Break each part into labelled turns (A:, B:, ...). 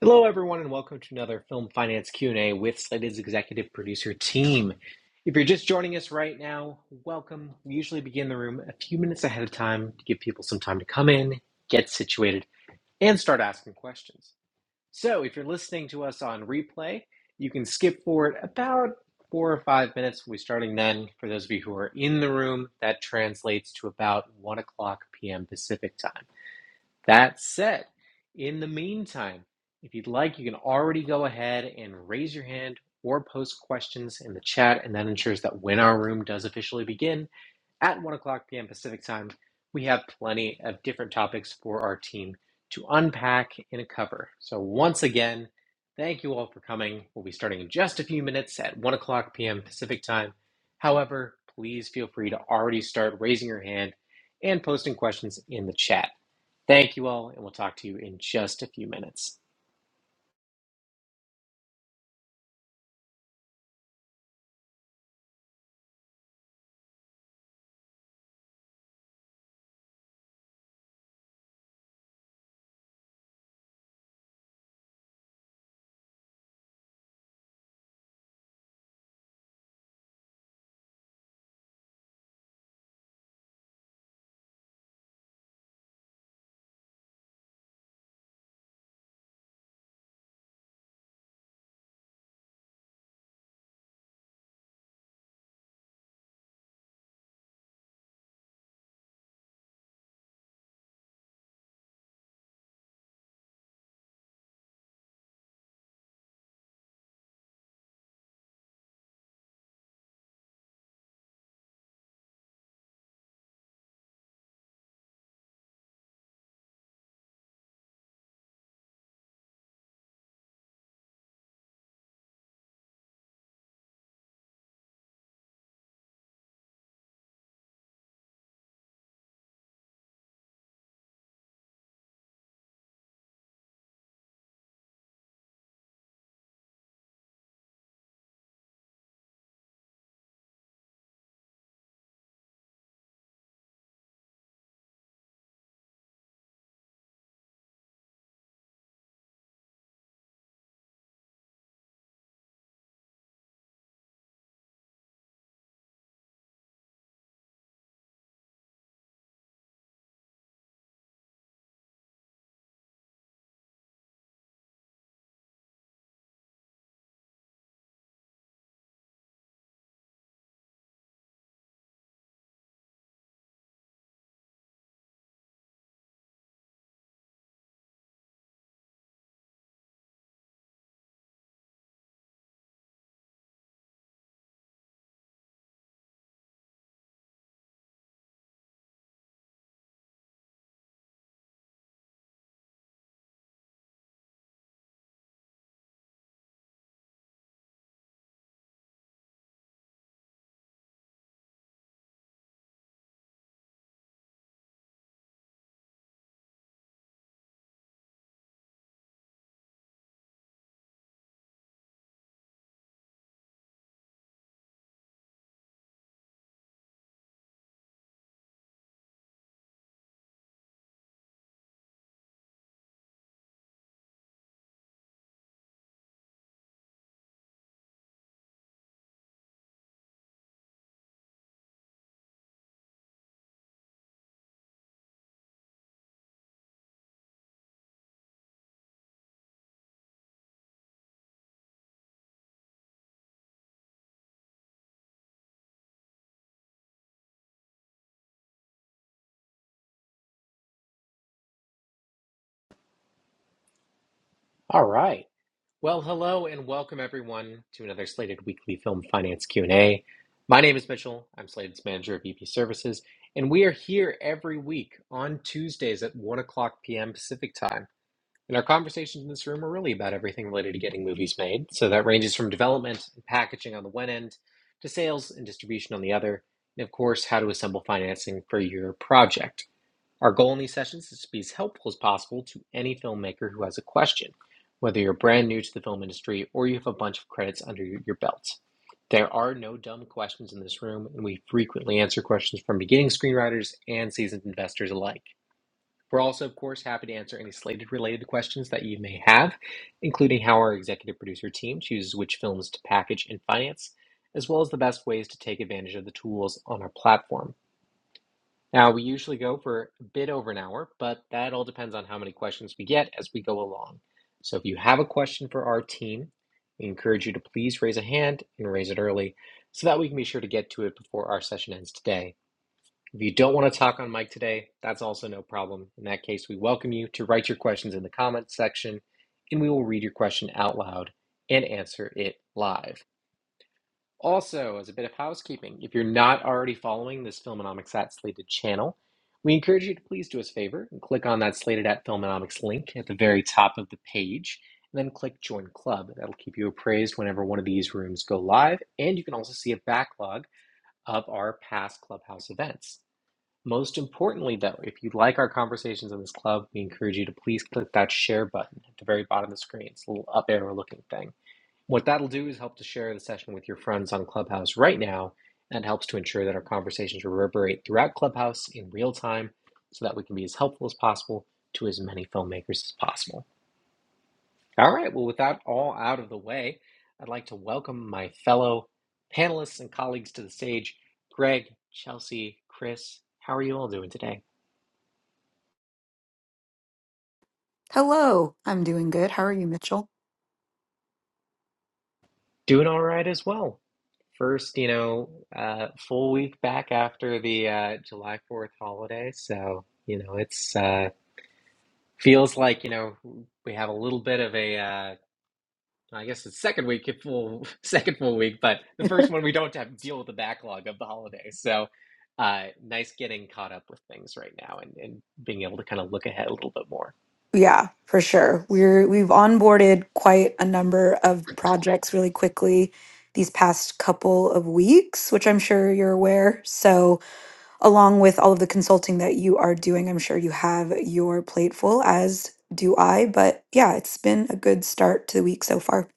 A: Hello, everyone, and welcome to another Film Finance Q&A with Slated's executive producer team. If you're just joining us right now, welcome. We usually begin the room a few minutes ahead of time to give people some time to come in, get situated, and start asking questions. So if you're listening to us on replay, you can skip forward about four or five minutes. We'll be starting then. For those of you who are in the room, that translates to about 1 o'clock p.m. Pacific time. That said, in the meantime, if you'd like, you can already go ahead and raise your hand or post questions in the chat, and that ensures that when our room does officially begin, at 1 o'clock p.m. Pacific time, we have plenty of different topics for our team to unpack and cover. So, once again, thank you all for coming. We'll be starting in just a few minutes at 1 o'clock p.m. Pacific time. However, please feel free to already start raising your hand and posting questions in the chat. Thank you all, and we'll talk to you in just a few minutes. All right. Well, hello and welcome everyone to another Slated Weekly Film Finance Q&A. My name is Mitchell. I'm Slated's manager of EP Services, and we are here every week on Tuesdays at 1 o'clock p.m. Pacific Time. And our conversations in this room are really about everything related to getting movies made. So that ranges from development and packaging on the one end to sales and distribution on the other, and of course, how to assemble financing for your project. Our goal in these sessions is to be as helpful as possible to any filmmaker who has a question, whether you're brand new to the film industry or you have a bunch of credits under your your belt. There are no dumb questions in this room, and we frequently answer questions from beginning screenwriters and seasoned investors alike. We're also, of course, happy to answer any slated related questions that you may have, including how our executive producer team chooses which films to package and finance, as well as the best ways to take advantage of the tools on our platform. Now, we usually go for a bit over an hour, but that all depends on how many questions we get as we go along. So if you have a question for our team, we encourage you to please raise a hand and raise it early so that we can be sure to get to it before our session ends today. If you don't want to talk on mic today, that's also no problem. In that case, we welcome you to write your questions in the comments section and we will read your question out loud and answer it live. Also, as a bit of housekeeping, if you're not already following this Filmonomics at Slated channel, we encourage you to please do us a favor and click on that Slated at Filmonomics link at the very top of the page, and then click Join Club. That'll keep you appraised whenever one of these rooms go live, and you can also see a backlog of our past Clubhouse events. Most importantly, though, if you like our conversations in this club, we encourage you to please click that share button at the very bottom of the screen. It's a little up arrow looking thing what that'll do is help to share the session with your friends on Clubhouse right now and helps to ensure that our conversations reverberate throughout Clubhouse in real time so that we can be as helpful as possible to as many filmmakers as possible. All right, well, with that all out of the way, I'd like to welcome my fellow panelists and colleagues to the stage Greg, Chelsea, Chris. How are you all doing today?
B: Hello. I'm doing good. How are you, Mitchell?
A: Doing all right as well. First, you know, uh, full week back after the uh, July 4th holiday. So, you know, it's uh, feels like, you know, we have a little bit of a, uh, I guess it's second week, a full second full week, but the first one we don't have to deal with the backlog of the holidays. So, uh, nice getting caught up with things right now and, and being able to kind of look ahead a little bit more.
B: Yeah, for sure. We're we've onboarded quite a number of projects really quickly these past couple of weeks, which I'm sure you're aware. So, along with all of the consulting that you are doing, I'm sure you have your plate full, as do I. But yeah, it's been a good start to the week so far.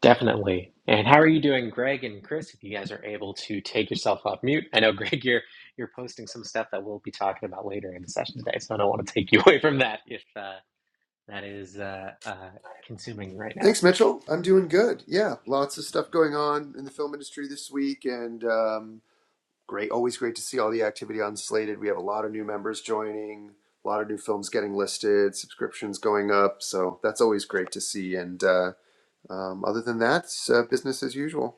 A: Definitely. And how are you doing, Greg and Chris? If you guys are able to take yourself off mute, I know Greg, you're you're posting some stuff that we'll be talking about later in the session today, so I don't want to take you away from that if uh, that is uh, uh, consuming you right now.
C: Thanks, Mitchell. I'm doing good. Yeah, lots of stuff going on in the film industry this week, and um, great. Always great to see all the activity on Slated. We have a lot of new members joining, a lot of new films getting listed, subscriptions going up. So that's always great to see. And uh, um, other than that, it's, uh, business as usual.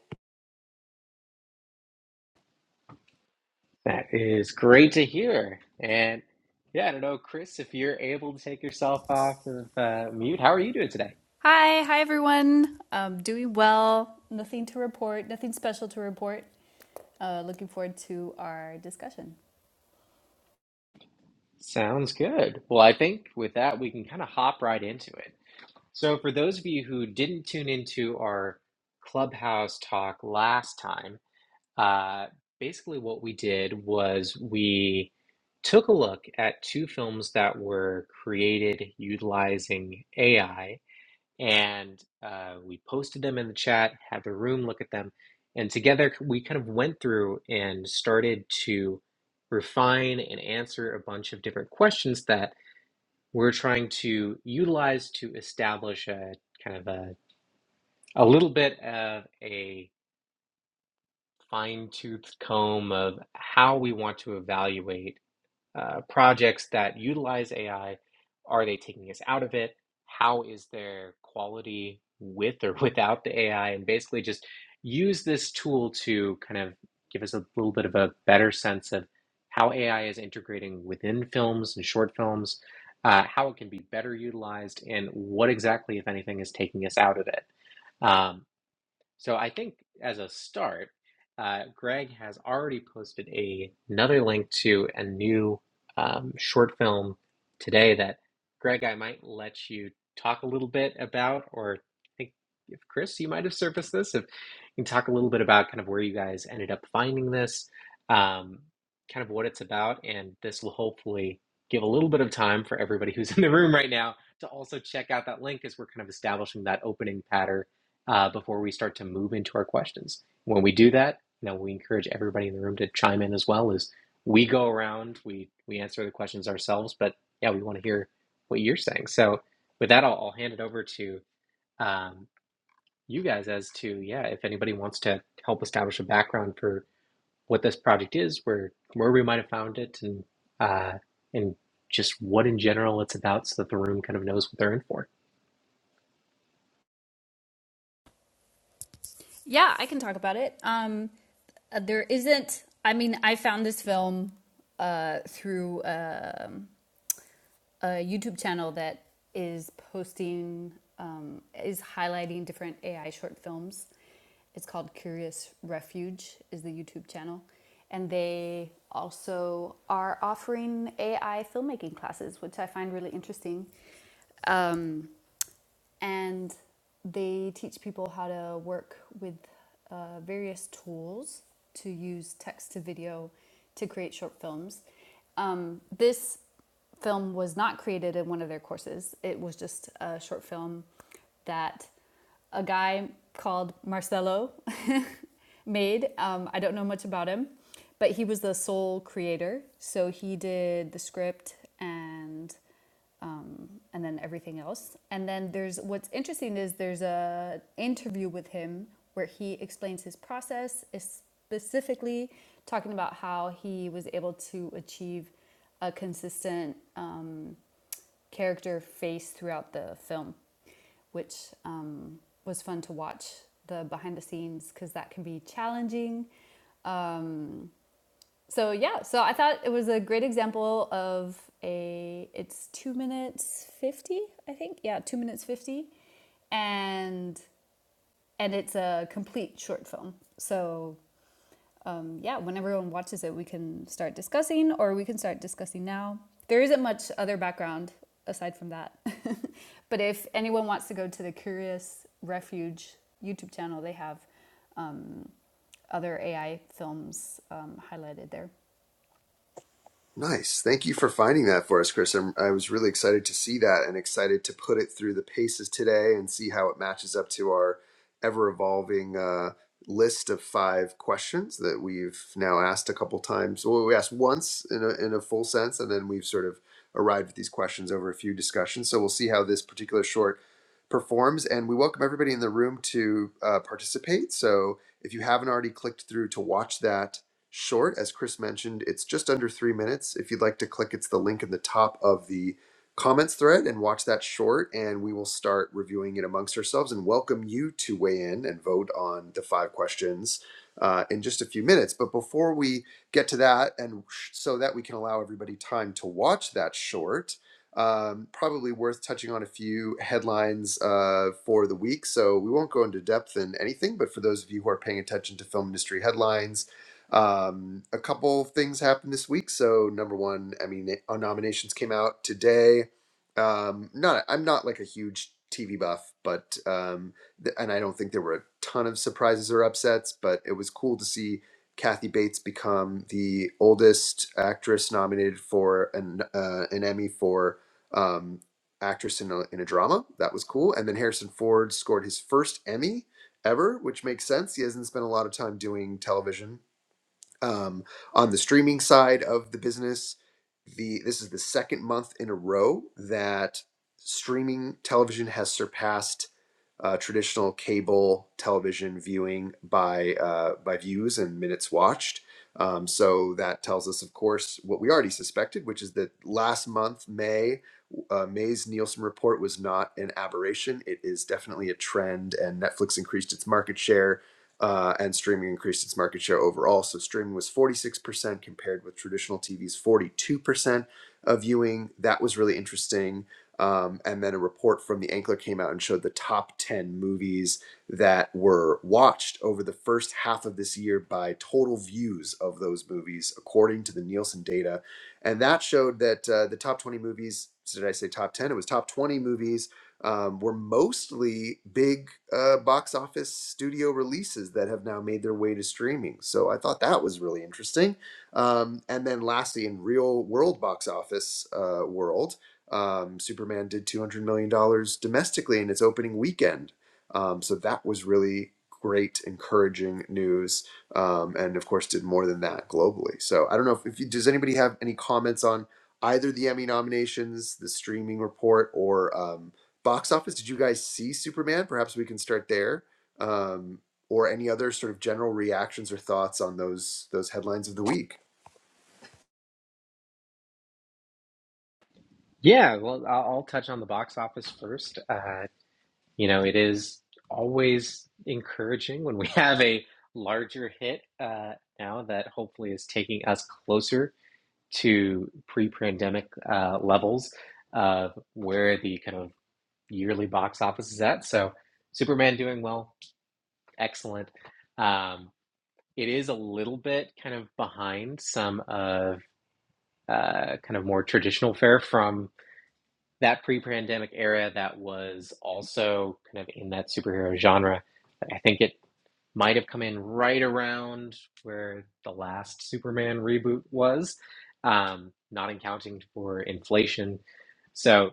A: That is great to hear. And yeah, I don't know, Chris, if you're able to take yourself off of uh, mute, how are you doing today?
D: Hi, hi everyone. Um, doing well. Nothing to report. Nothing special to report. Uh, looking forward to our discussion.
A: Sounds good. Well, I think with that we can kind of hop right into it. So, for those of you who didn't tune into our clubhouse talk last time, uh, basically what we did was we took a look at two films that were created utilizing AI and uh, we posted them in the chat, had the room look at them, and together we kind of went through and started to refine and answer a bunch of different questions that we're trying to utilize to establish a kind of a, a little bit of a fine tooth comb of how we want to evaluate uh, projects that utilize AI? Are they taking us out of it? How is their quality with or without the AI? And basically, just use this tool to kind of give us a little bit of a better sense of how AI is integrating within films and short films, uh, how it can be better utilized, and what exactly, if anything, is taking us out of it. Um, so I think as a start, uh, Greg has already posted a, another link to a new um, short film today that Greg, I might let you talk a little bit about, or I think if Chris, you might have surfaced this, if you can talk a little bit about kind of where you guys ended up finding this, um, kind of what it's about, and this will hopefully give a little bit of time for everybody who's in the room right now to also check out that link as we're kind of establishing that opening pattern uh, before we start to move into our questions. When we do that, you know, we encourage everybody in the room to chime in as well as we go around, we, we answer the questions ourselves, but yeah, we want to hear what you're saying. So with that, I'll, I'll hand it over to um, you guys as to, yeah, if anybody wants to help establish a background for what this project is, where, where we might have found it and, uh, and just what in general it's about so that the room kind of knows what they're in for.
D: Yeah, I can talk about it. Um, uh, there isn't. I mean, I found this film uh, through. Uh, a YouTube channel that is posting, um, is highlighting different AI short films. It's called Curious Refuge, is the YouTube channel. And they also are offering AI filmmaking classes, which I find really interesting. Um, and they teach people how to work with uh, various tools to use text to video to create short films. Um, this film was not created in one of their courses, it was just a short film that a guy called Marcelo made. Um, I don't know much about him, but he was the sole creator. So he did the script and um, and then everything else. And then there's what's interesting is there's a interview with him where he explains his process, specifically talking about how he was able to achieve a consistent um, character face throughout the film, which um, was fun to watch the behind the scenes because that can be challenging. Um, so yeah so i thought it was a great example of a it's two minutes 50 i think yeah two minutes 50 and and it's a complete short film so um, yeah when everyone watches it we can start discussing or we can start discussing now there isn't much other background aside from that but if anyone wants to go to the curious refuge youtube channel they have um, other ai films um, highlighted there
C: Nice. Thank you for finding that for us, Chris. I'm, I was really excited to see that and excited to put it through the paces today and see how it matches up to our ever evolving uh, list of five questions that we've now asked a couple times. Well, we asked once in a, in a full sense, and then we've sort of arrived at these questions over a few discussions. So we'll see how this particular short performs. And we welcome everybody in the room to uh, participate. So if you haven't already clicked through to watch that, short. As Chris mentioned, it's just under three minutes. If you'd like to click, it's the link in the top of the comments thread and watch that short, and we will start reviewing it amongst ourselves and welcome you to weigh in and vote on the five questions uh, in just a few minutes. But before we get to that, and so that we can allow everybody time to watch that short, um, probably worth touching on a few headlines uh, for the week. So we won't go into depth in anything, but for those of you who are paying attention to film industry headlines, um, a couple of things happened this week. So number one, I mean, uh, nominations came out today. Um, not I'm not like a huge TV buff, but um, th- and I don't think there were a ton of surprises or upsets, but it was cool to see Kathy Bates become the oldest actress nominated for an uh, an Emmy for um, actress in a, in a drama. That was cool. And then Harrison Ford scored his first Emmy ever, which makes sense. He hasn't spent a lot of time doing television um, on the streaming side of the business, the this is the second month in a row that streaming television has surpassed uh, traditional cable television viewing by uh, by views and minutes watched. Um, so that tells us, of course, what we already suspected, which is that last month, May, uh, May's Nielsen report was not an aberration. It is definitely a trend, and Netflix increased its market share uh, and streaming increased its market share overall. So streaming was 46% compared with traditional TV's 42% of viewing. That was really interesting. Um, and then a report from the Ankler came out and showed the top 10 movies that were watched over the first half of this year by total views of those movies, according to the Nielsen data. And that showed that uh, the top 20 movies, did I say top 10? It was top 20 movies um, were mostly big uh, box office studio releases that have now made their way to streaming. So I thought that was really interesting. Um, and then lastly, in real world box office uh, world, um, Superman did $200 million dollars domestically in its opening weekend. Um, so that was really great, encouraging news. Um, and of course, did more than that globally. So I don't know if, if you, does anybody have any comments on either the Emmy nominations, the streaming report, or. um, box office did you guys see superman perhaps we can start there um, or any other sort of general reactions or thoughts on those those headlines of the week
A: Yeah, well, I'll, I'll touch on the box office first. Uh, You know, it is always encouraging when we have a larger hit uh, now that hopefully is taking us closer to pre pandemic uh, levels of where the kind of yearly box office is at. So, Superman doing well, excellent. Um, it is a little bit kind of behind some of uh, kind of more traditional fare from that pre pandemic era that was also kind of in that superhero genre. I think it might have come in right around where the last Superman reboot was, um, not accounting for inflation. So,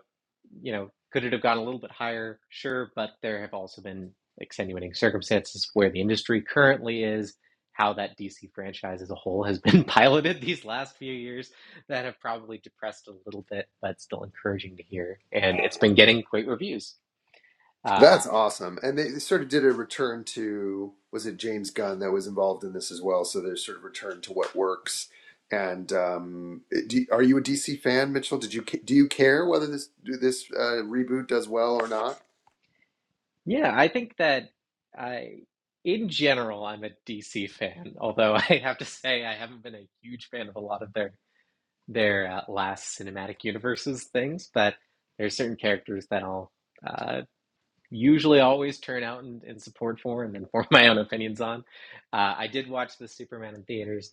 A: you know, could it have gone a little bit higher? Sure, but there have also been extenuating circumstances where the industry currently is, how that DC franchise as a whole has been piloted these last few years that have probably depressed a little bit, but still encouraging to hear. And it's been getting great reviews. Um,
C: that's awesome and they, they sort of did a return to was it james gunn that was involved in this as well so there's sort of return to what works and um, do, are you a dc fan mitchell did you do you care whether this this uh, reboot does well or not
A: Yeah, I think that I, in general, I'm a DC fan, although I have to say I haven't been a huge fan of a lot of their their uh, last cinematic universes things, but there's certain characters that I'll uh, usually always turn out and, and support for and then form my own opinions on. Uh, I did watch the Superman in theaters.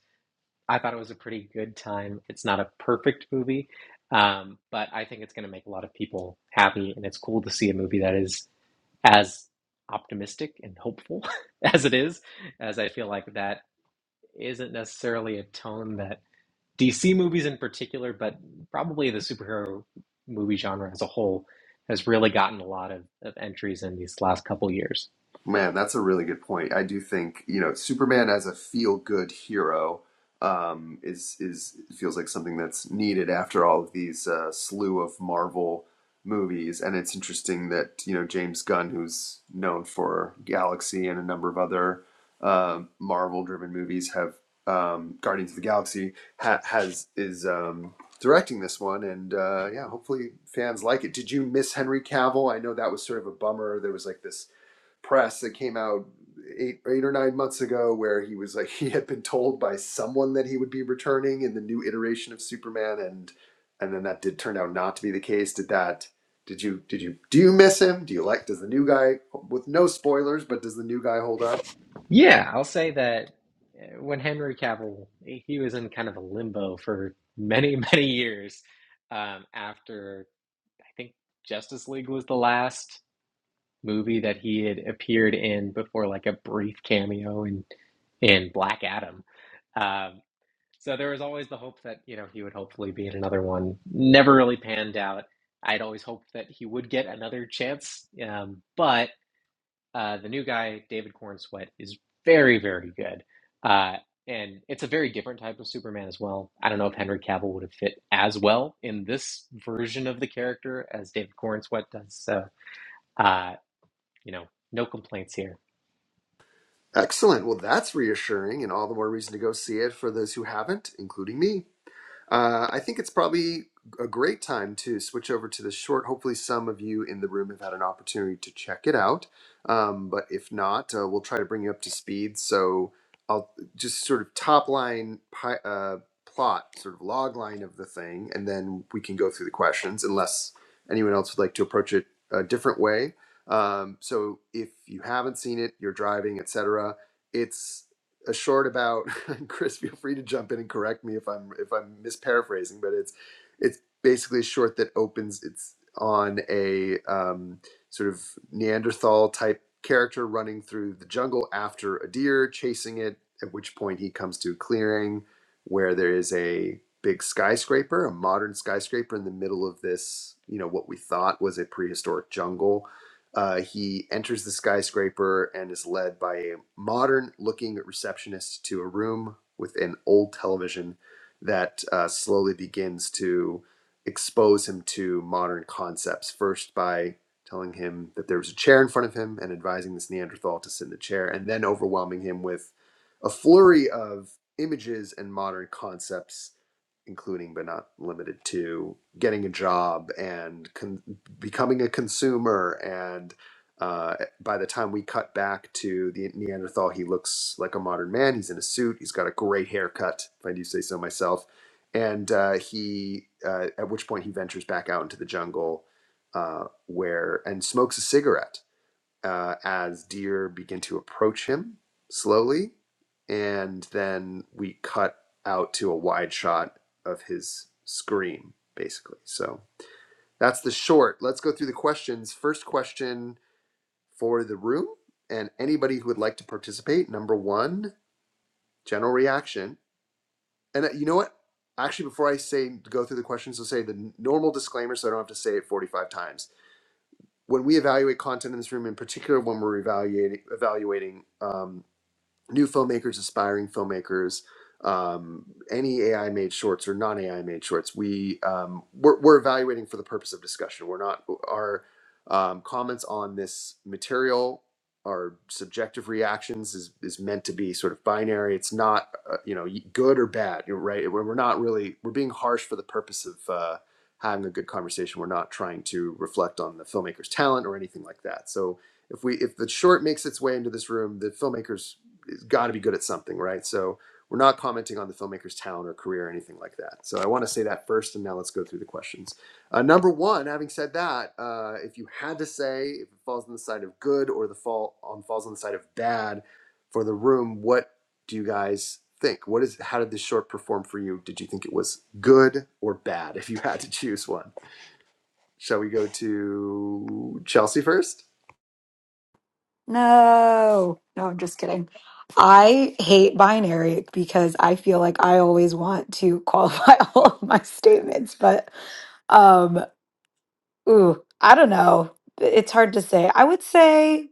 A: I thought it was a pretty good time. It's not a perfect movie, um, but I think it's going to make a lot of people happy, and it's cool to see a movie that is as optimistic and hopeful as it is, as I feel like that isn't necessarily a tone that DC movies in particular, but probably the superhero movie genre as a whole has really gotten a lot of, of entries in these last couple years.
C: Man, that's a really good point. I do think, you know, Superman as a feel-good hero um, is is feels like something that's needed after all of these uh, slew of Marvel movies. And it's interesting that, you know, James Gunn, who's known for Galaxy and a number of other um Marvel-driven movies, have um, Guardians of the Galaxy ha has is um, directing this one, and uh, yeah, hopefully fans like it. Did you miss Henry Cavill? I know that was sort of a bummer. There was like this press that came out eight, eight or nine months ago where he was like he had been told by someone that he would be returning in the new iteration of superman and and then that did turn out not to be the case did that did you did you do you miss him do you like does the new guy with no spoilers but does the new guy hold up
A: Yeah, I'll say that uh, when Henry Cavill, he was in kind of a limbo for many, many years um, after I think Justice League was the last movie that he had appeared in before, like a brief cameo in in Black Adam. Um, so there was always the hope that you know he would hopefully be in another one. Never really panned out. I'd always hoped that he would get another chance, um, but uh, the new guy, David Corn Sweat, is very, very good. Uh, and it's a very different type of Superman as well. I don't know if Henry Cavill would have fit as well in this version of the character as David Corn Sweat does. So, uh, you know, no complaints here.
C: excellent well that's reassuring and all the more reason to go see it for those who haven't including me Uh, I think it's probably a great time to switch over to this short. Hopefully, some of you in the room have had an opportunity to check it out. Um, but if not, uh, we'll try to bring you up to speed. So I'll just sort of top line pi- uh, plot, sort of log line of the thing, and then we can go through the questions unless anyone else would like to approach it a different way. Um, so if you haven't seen it, you're driving, etc a short about Chris feel free to jump in and correct me if I'm if I'm misparaphrasing but it's it's basically a short that opens it's on a um, sort of Neanderthal type character running through the jungle after a deer chasing it at which point he comes to a clearing where there is a big skyscraper a modern skyscraper in the middle of this you know what we thought was a prehistoric jungle uh, he enters the skyscraper and is led by a modern looking receptionist to a room with an old television that uh, slowly begins to expose him to modern concepts. First, by telling him that there was a chair in front of him and advising this Neanderthal to sit in the chair, and then overwhelming him with a flurry of images and modern concepts including but not limited to getting a job and con- becoming a consumer. And uh, by the time we cut back to the Neanderthal, he looks like a modern man. He's in a suit. He's got a great haircut, if I do say so myself. And uh, he, uh, at which point, he ventures back out into the jungle, uh, where and smokes a cigarette uh, as deer begin to approach him slowly. And then we cut out to a wide shot of his scream, basically. So that's the short. Let's go through the questions. First question for the room and anybody who would like to participate. Number one, general reaction. And uh, you know what? Actually, before I say go through the questions, I'll say the normal disclaimer so I don't have to say it 45 times when we evaluate content in this room, in particular when we're evaluating evaluating um, new filmmakers, aspiring filmmakers, um, any AI made shorts or non AI made shorts, we um, we're, we're evaluating for the purpose of discussion. We're not our um, comments on this material. Our subjective reactions is, is meant to be sort of binary. It's not, uh, you know, good or bad, you're right? We're we're not really, we're being harsh for the purpose of uh, having a good conversation. We're not trying to reflect on the filmmaker's talent or anything like that. So if we, if the short makes its way into this room, the filmmakers got to be good at something, right? So we're not commenting on the filmmaker's talent or career or anything like that. So I want to say that first, and now let's go through the questions. Uh, number one, having said that, uh, if you had to say if it falls on the side of good or the fall on falls on the side of bad for the room, what do you guys think? What is how did this short perform for you? Did you think it was good or bad? If you had to choose one, shall we go to Chelsea first?
B: No, no, I'm just kidding. I hate binary because I feel like I always want to qualify all of my statements, but um, ooh, I don't know. It's hard to say. I would say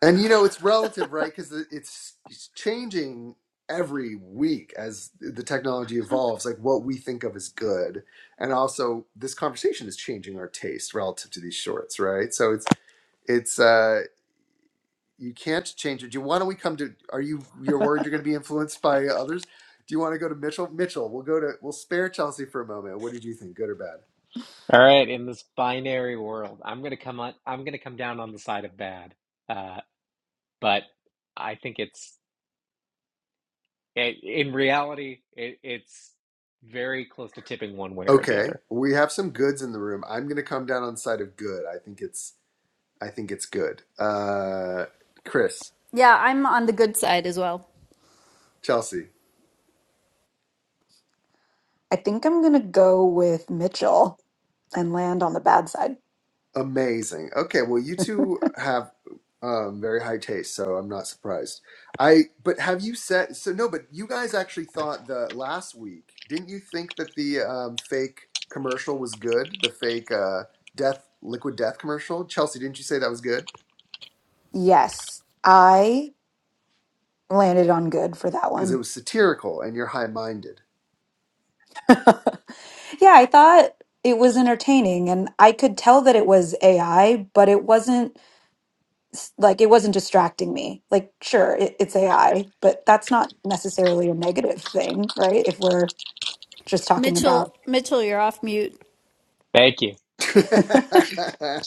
C: And you know, it's relative, right? Because it's, it's changing every week as the technology evolves, like what we think of as good. And also, this conversation is changing our taste relative to these shorts, right? So it's, it's, uh, you can't change it. Do you want to? We come to. Are you? You're worried you're going to be influenced by others. Do you want to go to Mitchell? Mitchell, we'll go to. We'll spare Chelsea for a moment. What did you think, good or bad?
A: All right, in this binary world, I'm gonna come on, I'm gonna come down on the side of bad. Uh, but I think it's it, in reality, it, it's very close to tipping one way or the
C: Okay,
A: other.
C: we have some goods in the room. I'm going to come down on the side of good. I think it's I think it's good. Uh, Chris,
D: yeah i'm on the good side as well
C: Chelsea,
B: I think I'm gonna go with Mitchell and land on the bad side.
C: amazing. Okay, well, you two have um, very high taste, so I'm not surprised. I but have you said so? No, but you guys actually thought the last week, didn't you think that the um, fake commercial was good? The fake uh, death liquid death commercial, Chelsea, didn't you say that was good?
B: Yes, I landed on good for that
C: Because it
B: one.
C: was satirical, and you're high minded.
B: yeah, I thought it was entertaining and I could tell that it was AI, but it wasn't s- like it wasn't distracting me. Like, sure, it, it's AI, but that's not necessarily a negative thing, right? If we're just talking about
D: Mitchell, Mitchell, you're off mute.
A: Thank you.
C: I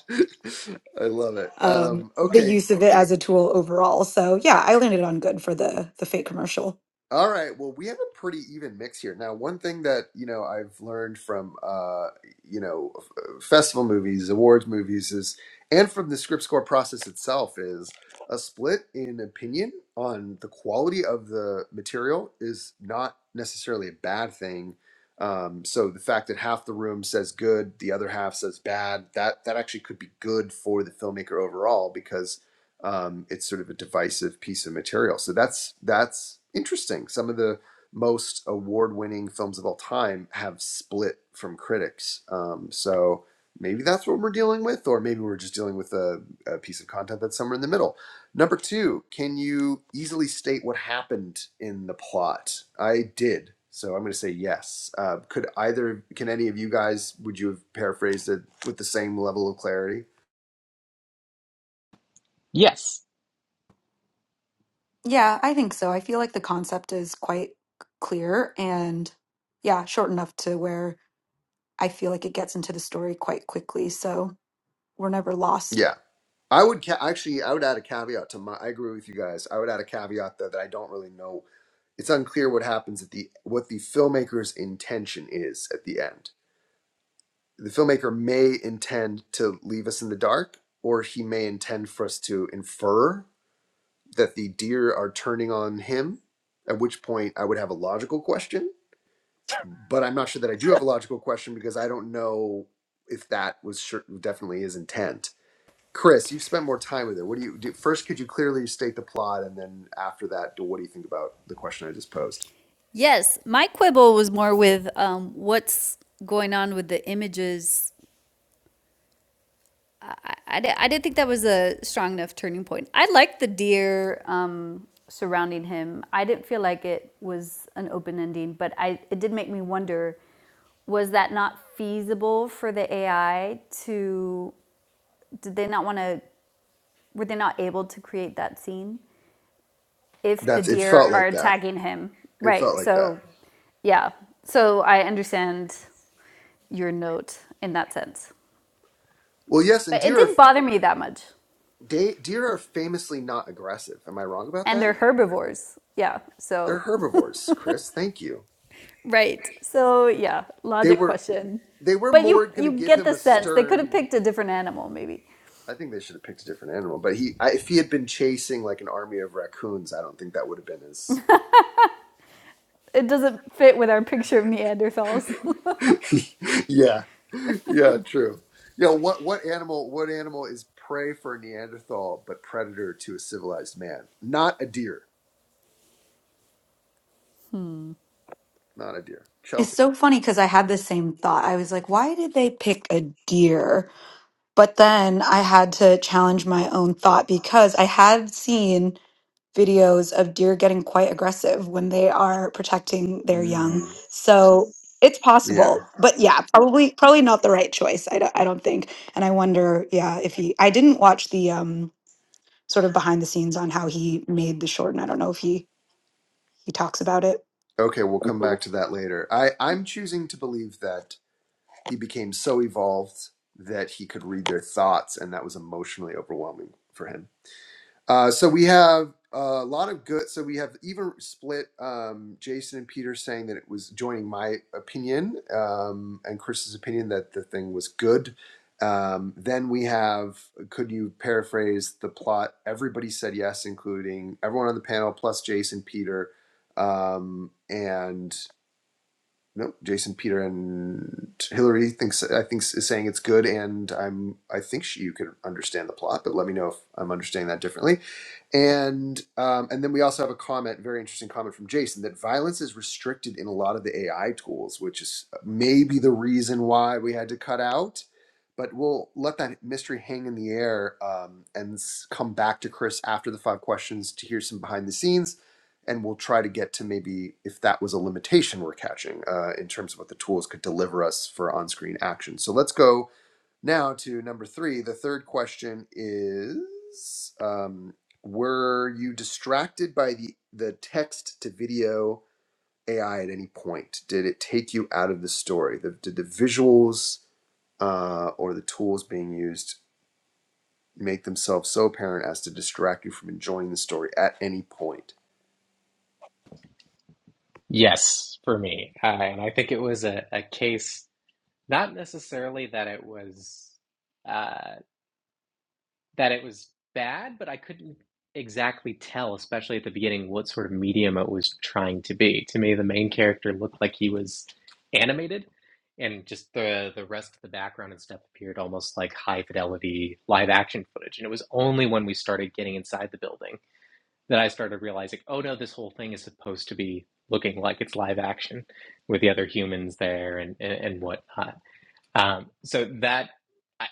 C: love it.
B: um,
C: Um,
B: the
C: okay,
B: use of it as a tool overall. So yeah, I landed on good for the the fake commercial.
C: All right. Well, we have a pretty even mix here. Now, one thing that, you know, I've learned from, uh, you know, f- uh, festival movies, awards movies is, and from the script score process itself is a split in opinion on the quality of the material is not necessarily a bad thing. Um, so the fact that half the room says good, the other half says bad, that, that actually could be good for the filmmaker overall, because um, it's sort of a divisive piece of material. So that's that's interesting. Some of the most award-winning films of all time have split from critics. Um, so maybe that's what we're dealing with, or maybe we're just dealing with a, a piece of content that's somewhere in the middle. Number two, can you easily state what happened in the plot? I did. So I'm going to say yes. Uh, could either, can any of you guys, would you have paraphrased it with the same level of clarity?
A: Yes,
B: Yeah, I think so. I feel like the concept is quite clear and yeah, short enough to where I feel like it gets into the story quite quickly. So we're never lost.
C: Yeah. I would ca- actually, I would add a caveat to my. I agree with you guys. I would add a caveat though that I don't really know. It's unclear what happens at the what the filmmaker's intention is at the end. The filmmaker may intend to leave us in the dark, or he may intend for us to infer that the deer are turning on him. At which point, I would have a logical question, but I'm not sure that I do have a logical question because I don't know if that was sure, definitely his intent. Chris, you've spent more time with it. What do you do? First, could you clearly state the plot, and then after that, do- what do you think about the question I just posed?
D: Yes, my quibble was more with um, what's going on with the images. I, I, I didn't think that was a strong enough turning point. I liked the deer um, surrounding him. I didn't feel like it was an open ending, but I it did make me wonder: was that not feasible for the AI to? Did they not want to? Were they not able to create that scene? if the
C: That's it.
D: deer
C: Felt
D: are
C: like that.
D: tagging him.
C: It felt
D: Right.
C: like that.
D: So, yeah. So I understand your note in that sense.
C: Well, yes, and
D: But it
C: deer are
D: didn't bother me that much.
C: de- deer are famously not aggressive. Am I wrong about
D: And they're
C: that?
D: herbivores. Yeah.
C: They're
D: So,
C: herbivores, Chris. Thank you.
D: right. So, yeah,
C: They
D: logic
C: were
D: question.
C: they were
D: But you
C: more going to
D: you
C: give
D: get
C: him
D: the
C: a
D: sense they could have
C: stern.
D: picked a different animal maybe.
C: I think they should have picked a different animal. But he, I, if he had been chasing like an army of raccoons, I don't think that would have been as
D: It doesn't fit with our picture of Neanderthals.
C: yeah, yeah, true. Yeah, what what animal? What animal is prey for a Neanderthal but predator to a civilized man? Not a deer. Not a deer.
B: It's
C: Chelsea.
B: so funny because I had the same thought. I was like, why did they pick a deer? But then I had to challenge my own thought because I had seen videos of deer getting quite aggressive when they are protecting their young.
C: Mm,
B: So it's
C: yeah.
B: possible, but yeah, probably probably not the right choice. I don't, I don't think. And I wonder, yeah, if he. I didn't watch the um sort of behind the scenes on how he made the short, and I don't know if he he talks about it.
C: Okay, we'll
B: I
C: come back
B: suppose.
C: to that later. I I'm choosing to believe that he became so evolved that he could read their thoughts, and that was emotionally overwhelming for him. Uh, so we have a lot of good. So we have even split um, Jason and Peter saying that it was joining my opinion um, and Chris's opinion that the thing was good. Um, then we have, could you paraphrase the plot? Everybody said yes, including everyone on the panel, plus Jason, Peter, um, and no, Jason, Peter, and Hillary thinks I think is saying it's good, and I'm I think she, you can understand the plot, but let me know if I'm understanding that differently. And um, and then we also have a comment, very interesting comment from Jason, that violence is restricted in a lot of the AI tools, which is maybe the reason why we had to cut out. But we'll let that mystery hang in the air um, and s- come back to Chris after the five questions to hear some behind the scenes, and we'll try to get to maybe if that was a limitation we're catching uh, in terms of what the tools could deliver us for on-screen action. So let's go now to number three. The third question is: um, Were you distracted by the the text to video AI at any point? Did it take you out of the story? The, did the visuals uh, or the tools being used make themselves so apparent as to distract you from enjoying the story at any point?
A: yes, for me. Uh, and I think it was a, a case, not necessarily that it was. uh, that it was bad, but I couldn't exactly tell, especially at the beginning, what sort of medium it was trying to be. To me, the main character looked like he was animated, and just the the rest of the background and stuff appeared almost like high fidelity live action footage. And it was only when we started getting inside the building that I started realizing, oh no, this whole thing is supposed to be looking like it's live action with the other humans there and and, and whatnot. Um, so that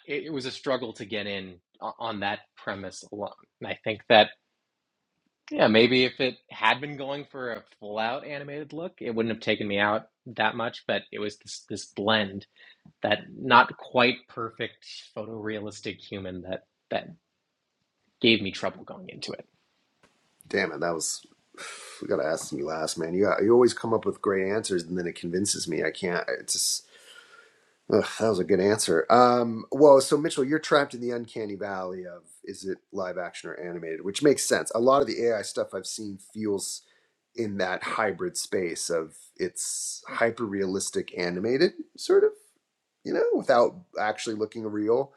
A: it, it was a struggle to get in on that premise alone. And I think that yeah, maybe if it had been going for a full out animated look, it wouldn't have taken me out that much. But it was this this blend that not quite perfect photorealistic human that that gave me trouble going into it.
C: Damn it, that was. We gotta ask me last, man. You got, you always come up with great answers, and then it convinces me I can't. It's just Ugh, that was a good answer. Um, well, so Mitchell, you're trapped in the uncanny valley of is it live action or animated, which makes sense. A lot of the AI stuff I've seen feels in that hybrid space of it's hyper realistic animated, sort of, you know, without actually looking real.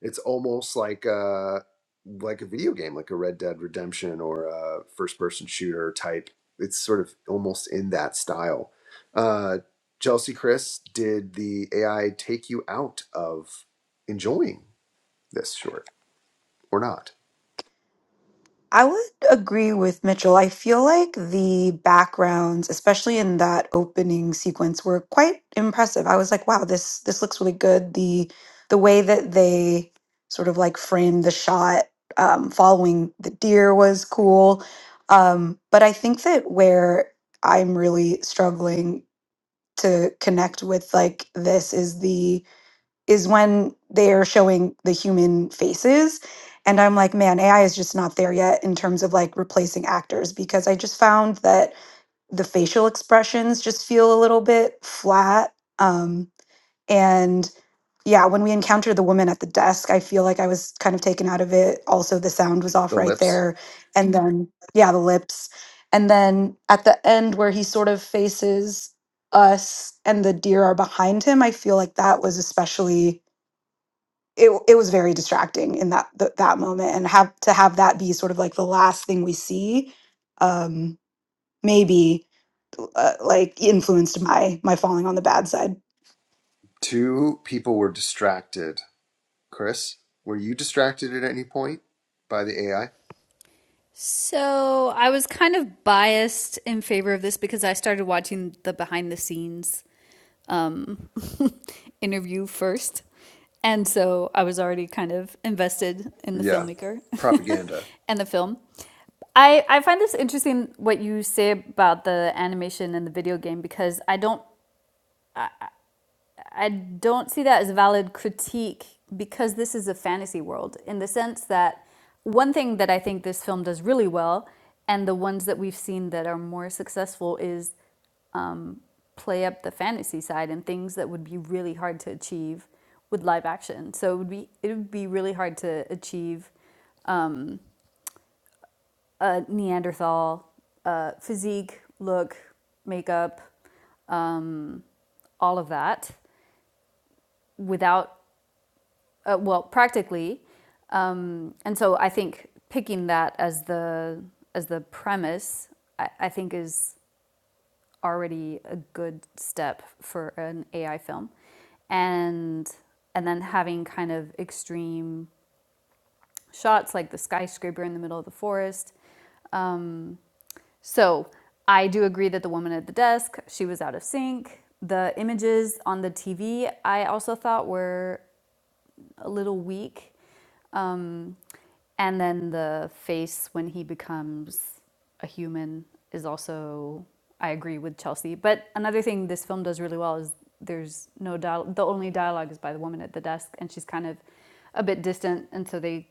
C: It's almost like a like a video game, like a Red Dead Redemption or a first-person shooter type. It's sort of almost in that style. Uh, Chelsea, Chris, did the AI take you out of enjoying this short or not?
B: I would agree with Mitchell. I feel like the backgrounds, especially in that opening sequence, were quite impressive. I was like, wow, this this looks really good. The the way that they sort of like framed the shot um, following the deer was cool. Um, but I think that where I'm really struggling to connect with like this is the is when they're showing the human faces. And I'm like, man, AI is just not there yet in terms of like replacing actors because I just found that the facial expressions just feel a little bit flat. Um, and yeah, when we encountered the woman at the desk, I feel like I was kind of taken out of it. Also, the sound was off
C: The
B: right
C: lips.
B: there. And then, yeah, the lips. And then at the end, where he sort of faces us and the deer are behind him, I feel like that was especially it it was very distracting in that th- that moment and have to have that be sort of like the last thing we see um maybe uh, like influenced my my falling on the bad side
C: Two people were distracted. Chris, were you distracted at any point by the AI?
D: So I was kind of biased in favor of this because I started watching the behind the scenes interview first. And so I was already kind of invested in the
C: Yeah.
D: filmmaker
C: Propaganda.
D: and the film. I, I find this interesting what you say about the animation and the video game because I don't I don't see that as a valid critique because this is a fantasy world in the sense that one thing that I think this film does really well and the ones that we've seen that are more successful is play up the fantasy side and things that would be really hard to achieve with live action. So it would be it would be really hard to achieve a Neanderthal uh, physique, look, makeup, all of that without uh, well practically. Um, and so I think picking that as the as the premise, I, I think is already a good step for an AI film, and and then having kind of extreme shots like the skyscraper in the middle of the forest. So I do agree that the woman at the desk, she was out of sync. The images on the TV I also thought were a little weak. Um, and then the face when he becomes a human is also I agree with Chelsea. But another thing this film does really well is there's no dial the only dialogue is by the woman at the desk and she's kind of a bit distant and so they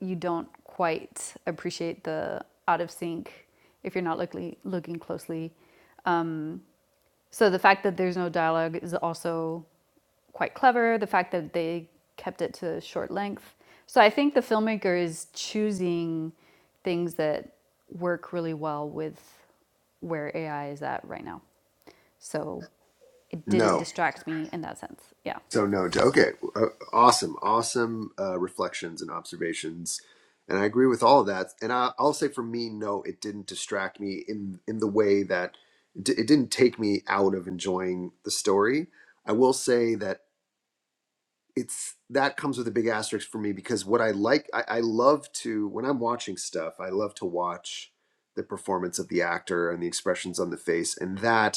D: you don't quite appreciate the out of sync if you're not looking looking closely. So the fact that there's no dialogue is also quite clever. The fact that they kept it to short length. So I think the filmmaker is choosing things that work really well with where AI is at right now. So it didn't
C: No.
D: distract me in that sense. Yeah.
C: So no, to- okay, uh, awesome, awesome uh, reflections and observations, and I agree with all of that. And I, I'll say for me, no, it didn't distract me in in the way that it di- it didn't take me out of enjoying the story. I will say that it's that comes with a big asterisk for me because what I like, I, I love to when I'm watching stuff, I love to watch the performance of the actor and the expressions on the face, and that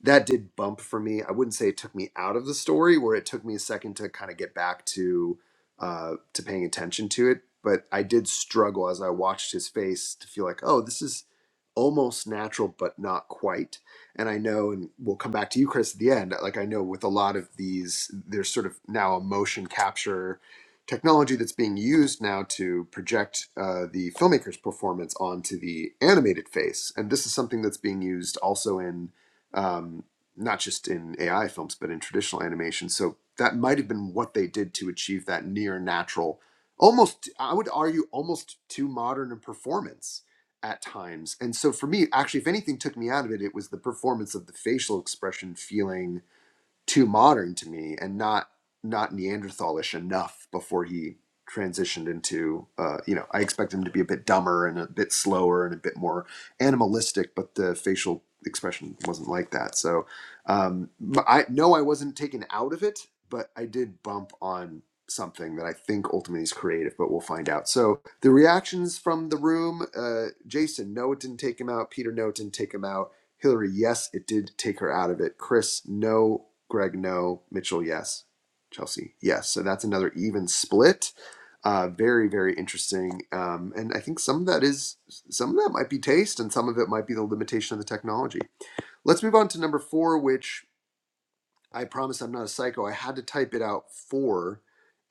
C: that did bump for me. I wouldn't say it took me out of the story, where it took me a second to kind of get back to uh, to paying attention to it. But I did struggle as I watched his face to feel like, oh, this is almost natural, but not quite. And I know, and we'll come back to you, Chris, at the end. Like I know with a lot of these, there's sort of now a motion capture technology that's being used now to project uh, the filmmaker's performance onto the animated face, and this is something that's being used also in um, not just in AI films, but in traditional animation. So that might have been what they did to achieve that near natural, almost, I would argue, almost too modern a performance at times. And so for me, actually, if anything took me out of it, it was the performance of the facial expression feeling too modern to me and not not Neanderthalish enough before he transitioned into uh, you know I expect him to be a bit dumber and a bit slower and a bit more animalistic, but the facial expression wasn't like that. So um, m- I no, I wasn't taken out of it, but I did bump on something that I think ultimately is creative, but we'll find out. So the reactions from the room, uh, Jason, no, it didn't take him out. Peter, no, it didn't take him out Hillary, yes, it did take her out of it. Chris, no. Greg, no. Mitchell, yes. Chelsea, yes. So that's another even split. Uh, very, very interesting. Um, and I think some of that is, some of that might be taste and some of it might be the limitation of the technology. Let's move on to number four, which I promise I'm not a psycho. I had to type it out for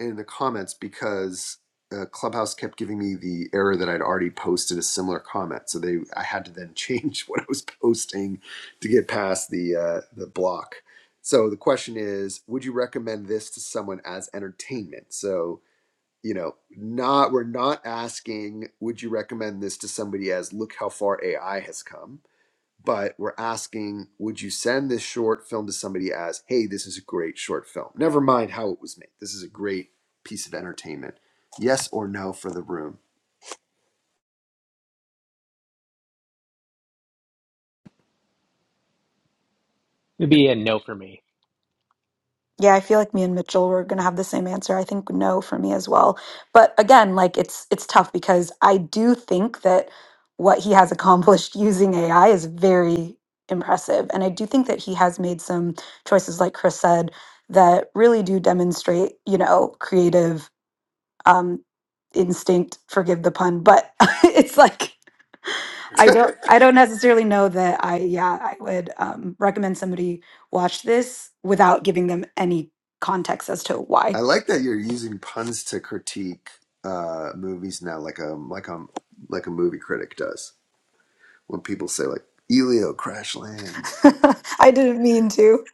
C: in the comments because uh, Clubhouse kept giving me the error that I'd already posted a similar comment. So they, I had to then change what I was posting to get past the uh, the block. So the question is, would you recommend this to someone as entertainment? So you know, not we're not asking, would you recommend this to somebody as look how far AI has come? but we're asking would you send this short film to somebody as hey this is a great short film never mind how it was made this is a great piece of entertainment yes or no for the room
A: It'd be a no for me.
B: yeah i feel like me and mitchell were going to have the same answer i think no for me as well but again like it's it's tough because i do think that what he has accomplished using ai is very impressive and i do think that he has made some choices like chris said that really do demonstrate you know creative um, instinct. Forgive the pun, but it's like I don't I don't necessarily know that I yeah I would um, recommend somebody watch this without giving them any context as to
C: i
B: why.
C: like that you're using puns to critique uh, movies now like a like a like a movie critic does when people say like elio crash lands
B: I didn't mean to.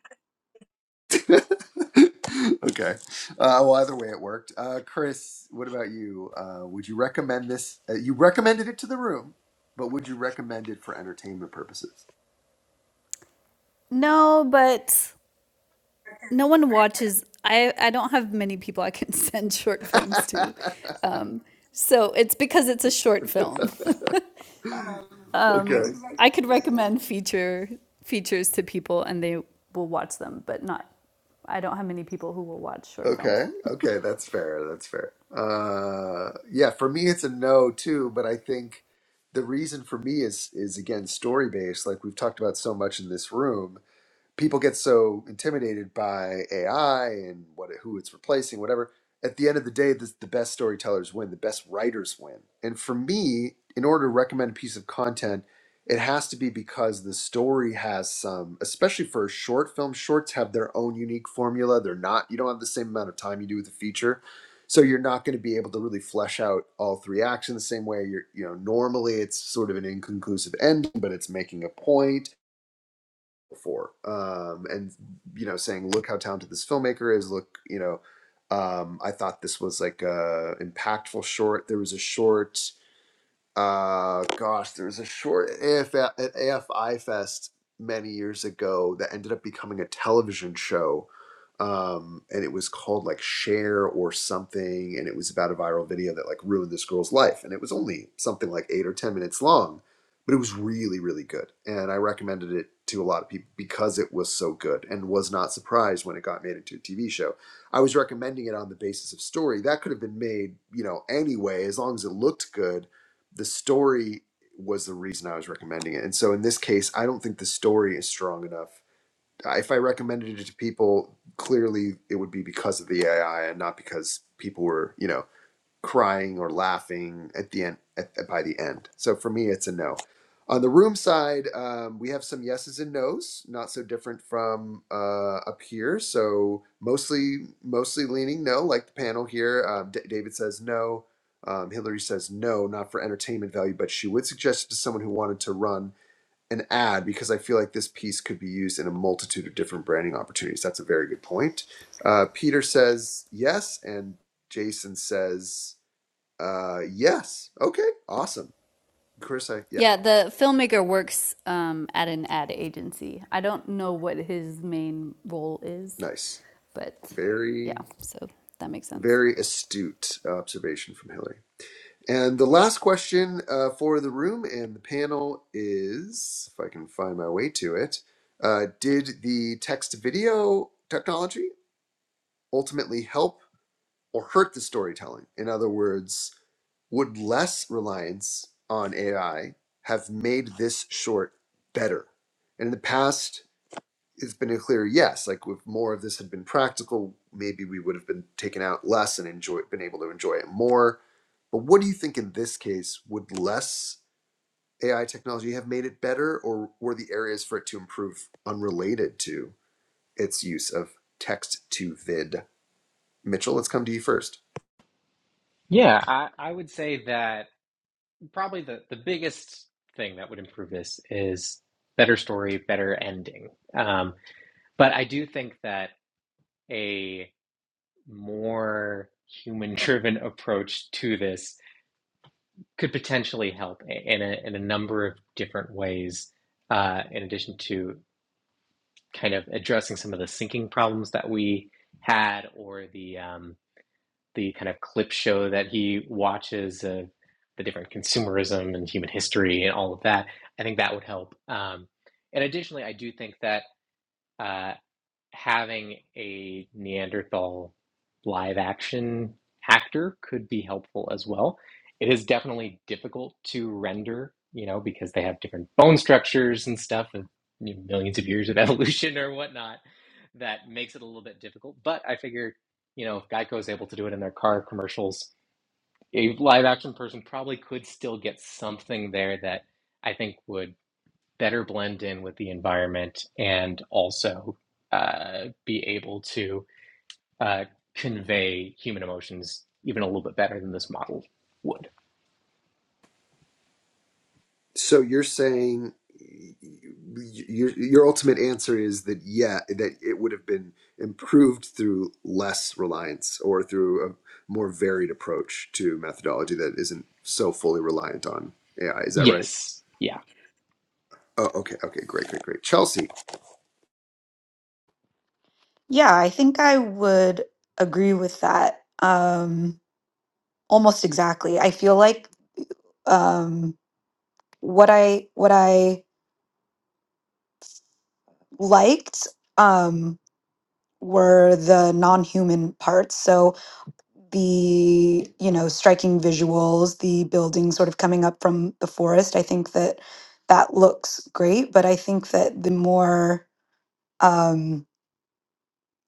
C: okay uh, well either way it worked uh, chris what about you uh, would you recommend this uh, you recommended it to the room but would you recommend it for entertainment purposes
D: No, but no one watches. I I don't have many people I can send short films to, um, so it's because it's a short film.
C: okay.
D: um, I could recommend feature features to people and they will watch them, but not. I don't have many people who will watch short
C: Okay.
D: films.
C: Okay. That's fair. That's fair. Uh, yeah. For me, it's a no too. But I think the reason for me is is again story based. Like we've talked about so much in this room. people get so intimidated by AI and what who it's replacing, whatever. At the end of the day, this, the best storytellers win, the best writers win. And for me, in order to recommend a piece of content, it has to be because the story has some, especially for a short film. Shorts have their own unique formula. They're not, you don't have the same amount of time you do with a feature, so you're not going to be able to really flesh out all three acts in the same way. You're, you know, normally it's sort of an inconclusive ending, but it's making a point before um, and you know saying look how talented this filmmaker is look you know um, i thought this was like a impactful short there was a short uh gosh there was a short AF, at afi fest many years ago that ended up becoming a television show um and it was called like share or something and it was about a viral video that like ruined this girl's life and it was only something like eight or ten minutes long but it was really really good and i recommended it to a lot of people because it was so good and was not surprised when it got made into a tv show i was recommending it on the basis of story that could have been made you know anyway as long as it looked good the story was the reason I was recommending it. And so in this case, I don't think the story is strong enough. If I recommended it to people, clearly it would be because of the AI and not because people were, you know, crying or laughing at the end at, by the end. So for me, it's a no. On the room side, um, we have some yeses and nos, not so different from uh, up here. So mostly, mostly leaning no, like the panel here. Um, D- David says no. Um, Hillary says no, not for entertainment value, but she would suggest it to someone who wanted to run an ad because I feel like this piece could be used in a multitude of different branding opportunities. That's a very good point. Uh, Peter says yes, and Jason says uh, yes. Okay. Awesome. Chris, I, yeah.
D: Yeah, the filmmaker works um, at an ad agency. I don't know what his main role is,
C: Nice.
D: but yeah,
C: Very,
D: so that makes sense.
C: very astute observation from Hillary. And the last question uh, for the room and the panel is if I can find my way to it uh, Did the text video technology ultimately help or hurt the storytelling? In other words, would less reliance on AI have made this short better? And in the past, it's been a clear yes. Like if more of this had been practical, maybe we would have been taken out less and enjoy been able to enjoy it more. But what do you think in this case would less AI technology have made it better, or were the areas for it to improve unrelated to its use of text to vid? Mitchell, let's come to you first.
A: Yeah, I, I would say that probably the, the biggest thing that would improve this is better story, better ending. Um, But I do think that a more human-driven approach to this could potentially help in a in a number of different ways, uh, in addition to kind of addressing some of the sinking problems that we had, or the um, the kind of clip show that he watches of the different consumerism and human history and all of that. I think that would help. Um, and additionally, I do think that. uh, having a Neanderthal live action actor could be helpful as well. It is definitely difficult to render, you know, because they have different bone structures and stuff, and you know, millions of years of evolution or whatnot. That makes it a little bit difficult. But I figure, you know, if Geico is able to do it in their car commercials, a live action person probably could still get something there that I think would better blend in with the environment and also uh, be able to uh, convey human emotions even a little bit better than this model would.
C: So you're saying your your ultimate answer is that yeah, that it would have been improved through less reliance or through a more varied approach to methodology that isn't so fully reliant on AI. Is that right?
A: Yes. Yeah.
C: Oh, okay, okay, great, great, great. Chelsea,
B: Yeah, I think I would agree with that um, almost exactly. I feel like um, what I what I liked um, were the non-human parts. So the you know striking visuals the building sort of coming up from the forest i think that that looks great but i think that the more um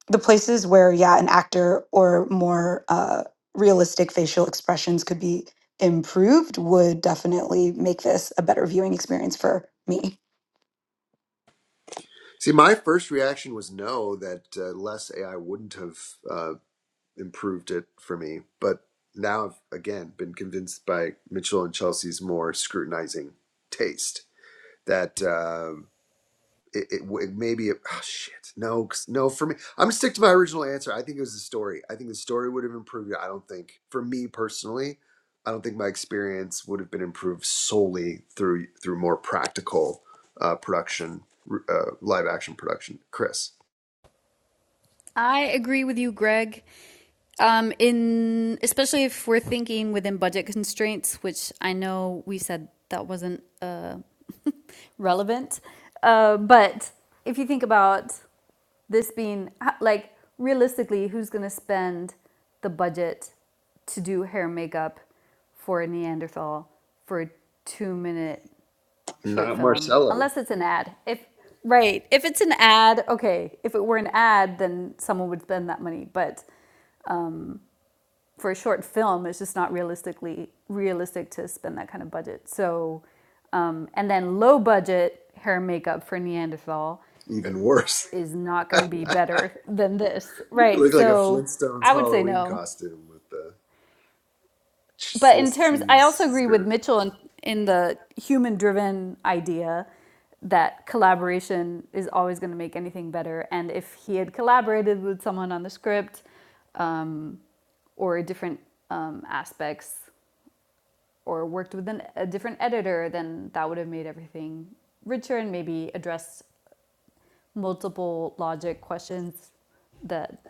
B: the places where yeah an actor or more uh realistic facial expressions could be improved would definitely make this a better viewing experience for me
C: see, my first reaction was no, that uh, less AI wouldn't have uh, improved it for me, but now I've again been convinced by Mitchell and Chelsea's more scrutinizing taste that. uh, it, it, it maybe it, oh, shit no 'cause- no for me i'm gonna stick to my original answer i think it was the story i think the story would have improved it i don't think for me personally i don't think my experience would have been improved solely through through more practical uh, production uh, live action production chris
D: I agree with you, Greg. Um, in especially if we're thinking within budget constraints, which I know we said that wasn't a relevant. Uh, but if you think about this being like realistically, who's going to spend the budget to do hair and makeup for a Neanderthal for a two-minute short
C: not
D: film,
C: marcello
D: unless it's an ad? If right, if it's an ad, okay. If it were an ad, then someone would spend that money. But for a short film, it's just not realistically realistic to spend that kind of budget. So, um, and then low budget hair and makeup for Neanderthal i-
C: even worse
D: is not going to be better than this,
C: you
D: right?
C: look like a
D: So,
C: flintstones
D: I would say
C: halloween
D: no.
C: costume with the
D: But in
C: swiss
D: terms, I
C: cheese
D: also agree with
C: skirt
D: Mitchell in, in the human driven idea that collaboration is always going to make anything better. And if he had collaborated with someone on the script or different um, aspects, or worked with an, a different editor, then that would have made everything richer and maybe addressed multiple logic questions that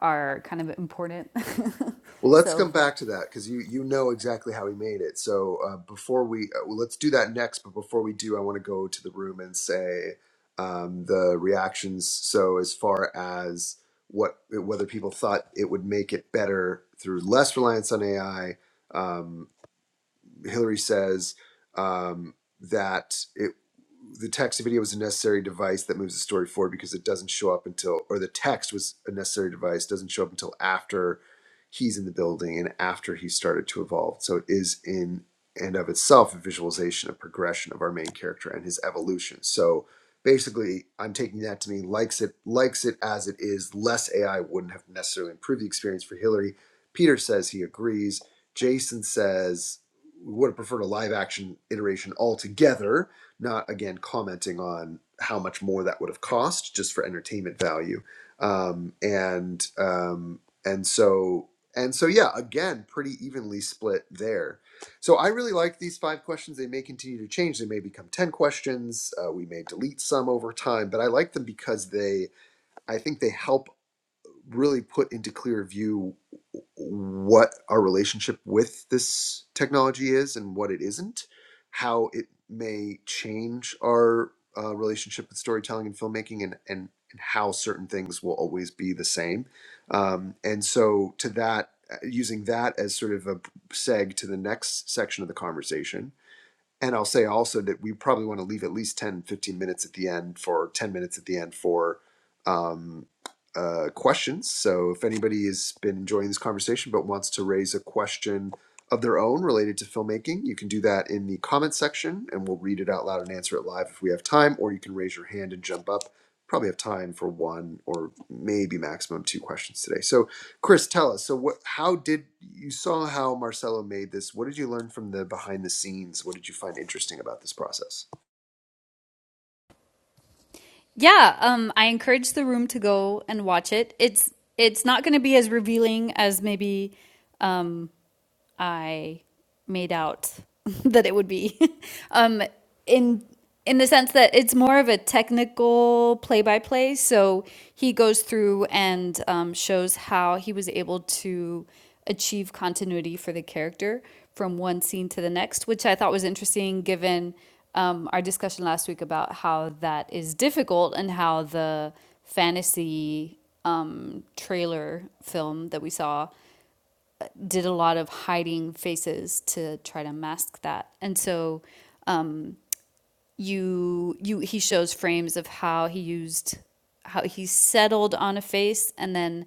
D: are kind of important.
C: Well, let's
D: so
C: come back to that because you you know exactly how he made it. So uh, before we uh, well, let's do that next. But before we do, I want to go to the room and say um, the reactions. So as far as what whether people thought it would make it better through less reliance on AI, Hillary says um, that it the text video was a necessary device that moves the story forward because it doesn't show up until or the text was a necessary device doesn't show up until after he's in the building and after he started to evolve so it is in and of itself a visualization of progression of our main character and his evolution so basically i'm taking that to mean likes it likes it as it is less ai wouldn't have necessarily improved the experience for hillary peter says he agrees jason says we would have preferred a live action iteration altogether, not again commenting on how much more that would have cost just for entertainment value. Um, and um, and so and so yeah, again, pretty evenly split there. So I really like these five questions. They may continue to change. They may become ten questions. Uh, we may delete some over time, but I like them because they, I think, they help really put into clear view what our relationship with this technology is and what it isn't, how it may change our uh, relationship with storytelling and filmmaking, and, and and how certain things will always be the same. Um, and so, to that, uh, using that as sort of a seg to the next section of the conversation, and I'll say also that we probably want to leave at least 10, 15 minutes at the end for 10 minutes at the end for um, uh, questions. So if anybody has been enjoying this conversation but wants to raise a question of their own related to filmmaking, you can do that in the comments section and we'll read it out loud and answer it live if we have time, or you can raise your hand and jump up. Probably have time for one or maybe maximum two questions today. So Chris, tell us. So, what? How did you saw how Marcelo made this? What did you learn from the behind the scenes? What did you find interesting about this process?
D: yeah, um, I encourage the room to go and watch it. It's it's not going to be as revealing as maybe um, I made out that it would be. um, in in the sense that it's more of a technical play by play. So he goes through and um, shows how he was able to achieve continuity for the character from one scene to the next, which I thought was interesting given um, our discussion last week about how that is difficult and how the fantasy um, trailer film that we saw did a lot of hiding faces to try to mask that. And so um, you you he shows frames of how he used how he settled on a face and then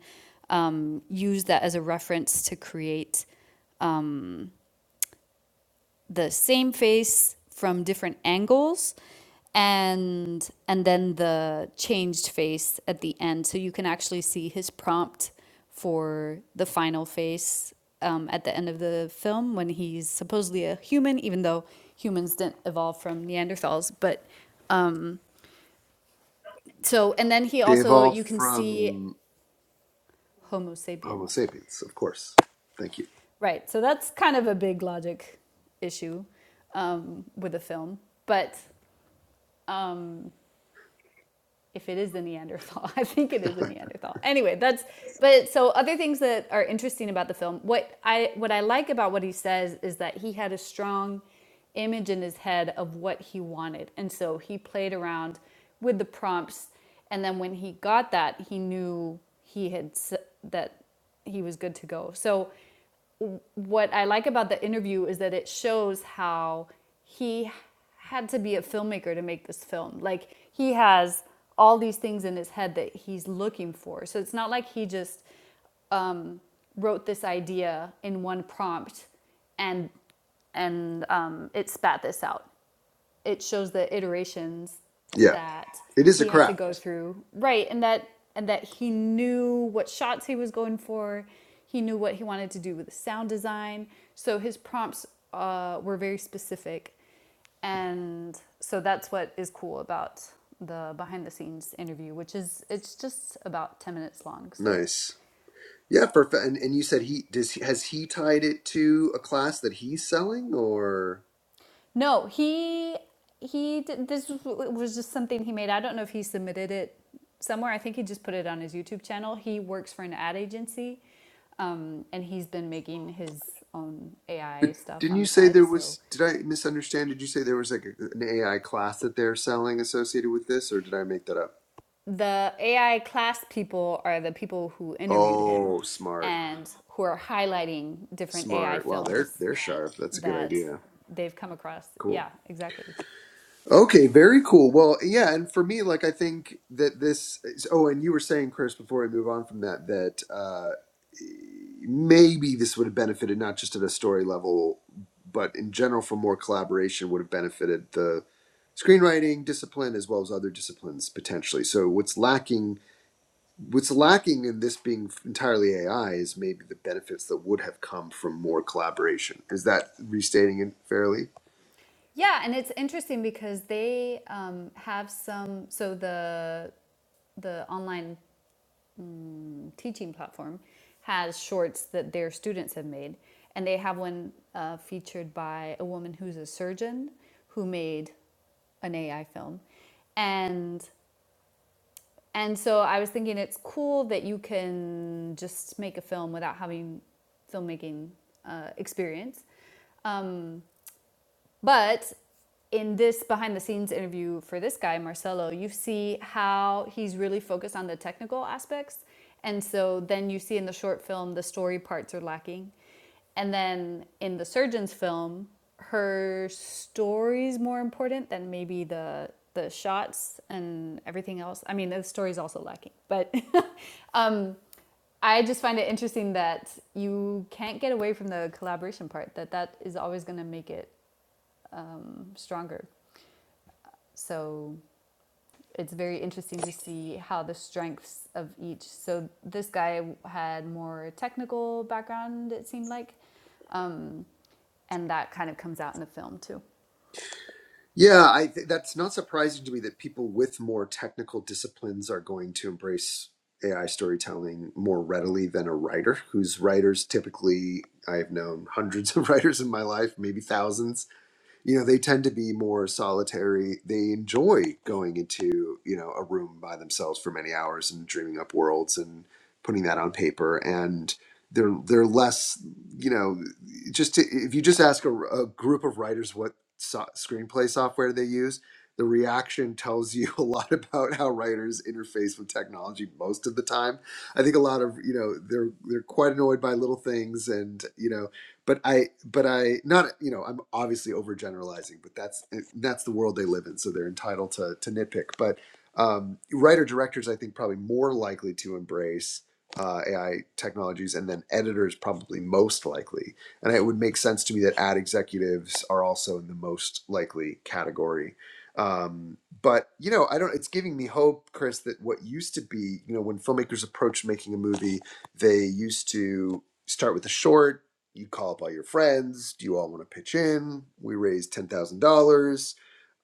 D: um, used that as a reference to create the same face from different angles and and then the changed face at the end so you can actually see his prompt for the final face um, at the end of the film when he's supposedly a human even though humans didn't evolve from neanderthals but so and then he
C: They
D: also
C: evolved
D: you can see
C: from
D: homo
C: Homo
D: sapiens
C: sapiens, of course. Thank you.
D: right so that's kind of a big logic issue um, with the film but um, if it is the Neanderthal. I think it is a Neanderthal. Anyway, that's but so other things that are interesting about the film. What I what I like about what he says is that he had a strong image in his head of what he wanted. And so he played around with the prompts and then when he got that, he knew he had that he was good to go. So what I like about the interview is that it shows how he had to be a filmmaker to make this film. Like he has all these things in his head that he's looking for. So it's not like he just um, wrote this idea in one prompt and and um, it spat this out it shows the iterations
C: Yeah,
D: that
C: it is a
D: he had to go
C: craft.
D: through right and that and that he knew what shots he was going for he knew what he wanted to do with the sound design so his prompts uh, were very specific and so that's what is cool about the behind the scenes interview which is it's just about 10 minutes long so
C: Nice. Yeah, for fa- and, and you said he does. He, has he tied it to a class that he's selling, or
D: No, he he did, this was- just something he made. I don't know if he submitted it somewhere. I think he just put it on his YouTube channel. He works for an ad agency, um, and he's been making his own AI stuff
C: didn't
D: on
C: you
D: the
C: say
D: side.
C: there
D: So
C: was? Did I misunderstand? Did you say there was like a, an AI class that they're selling associated with this, or did I make that up?
D: the AI class people are the people who interviewed him
C: Oh, smart.
D: and who are highlighting different AI
C: Smart. Wow, they're
D: films
C: they're sharp. That's a good
D: that
C: idea.
D: they've come across.
C: Cool.
D: Yeah, exactly.
C: Okay, very cool. Well, yeah, and for me, like I think that this is, oh, and you were saying, Chris, before I move on from that, that uh maybe this would have benefited not just at a story level, but in general for more collaboration would have benefited the screenwriting discipline as well as other disciplines potentially. So what's lacking what's lacking in this being entirely AI is maybe the benefits that would have come from more collaboration. Is that restating it fairly?
D: Yeah, and it's interesting because they um, have some. So the the online mm, teaching platform has shorts that their students have made, and they have one uh, featured by a woman who's a surgeon who made an AI film, and and so I was thinking it's cool that you can just make a film without having filmmaking uh, experience Um, but in this behind the scenes interview for this guy, Marcelo, you see how he's really focused on the technical aspects. And so then you see in the short film, the story parts are lacking. And then in the surgeon's film, her story's more important than maybe the the shots and everything else. I mean, the story's also lacking, but um, I just find it interesting that you can't get away from the collaboration part. That that is always going to make it um, stronger. So it's very interesting to see how the strengths of each. So this guy had more technical background, it seemed like, um, and that kind of comes out in the film too.
C: Yeah, I th- that's not surprising to me that people with more technical disciplines are going to embrace AI storytelling more readily than a writer, whose writers typically I have known hundreds of writers in my life, maybe thousands you know they tend to be more solitary they enjoy going into you know a room by themselves for many hours and dreaming up worlds and putting that on paper and they're they're less you know just to, if you just ask a, a group of writers what so- screenplay software they use the reaction tells you a lot about how writers interface with technology most of the time i think a lot of you know they're they're quite annoyed by little things and you know but I, but I, not you know, I'm obviously overgeneralizing, but that's eh, that's the world they live in, so they're entitled to to nitpick. But um, writer directors, I think, probably more likely to embrace uh, AI technologies, and then editors probably most likely. And it would make sense to me that ad executives are also in the most likely category. Um, but you know, I don't. It's giving me hope, Chris, that what used to be, you know, when filmmakers approached making a movie, they used to start with a short you call up all your friends. Do you all want to pitch in? We raise ten thousand dollars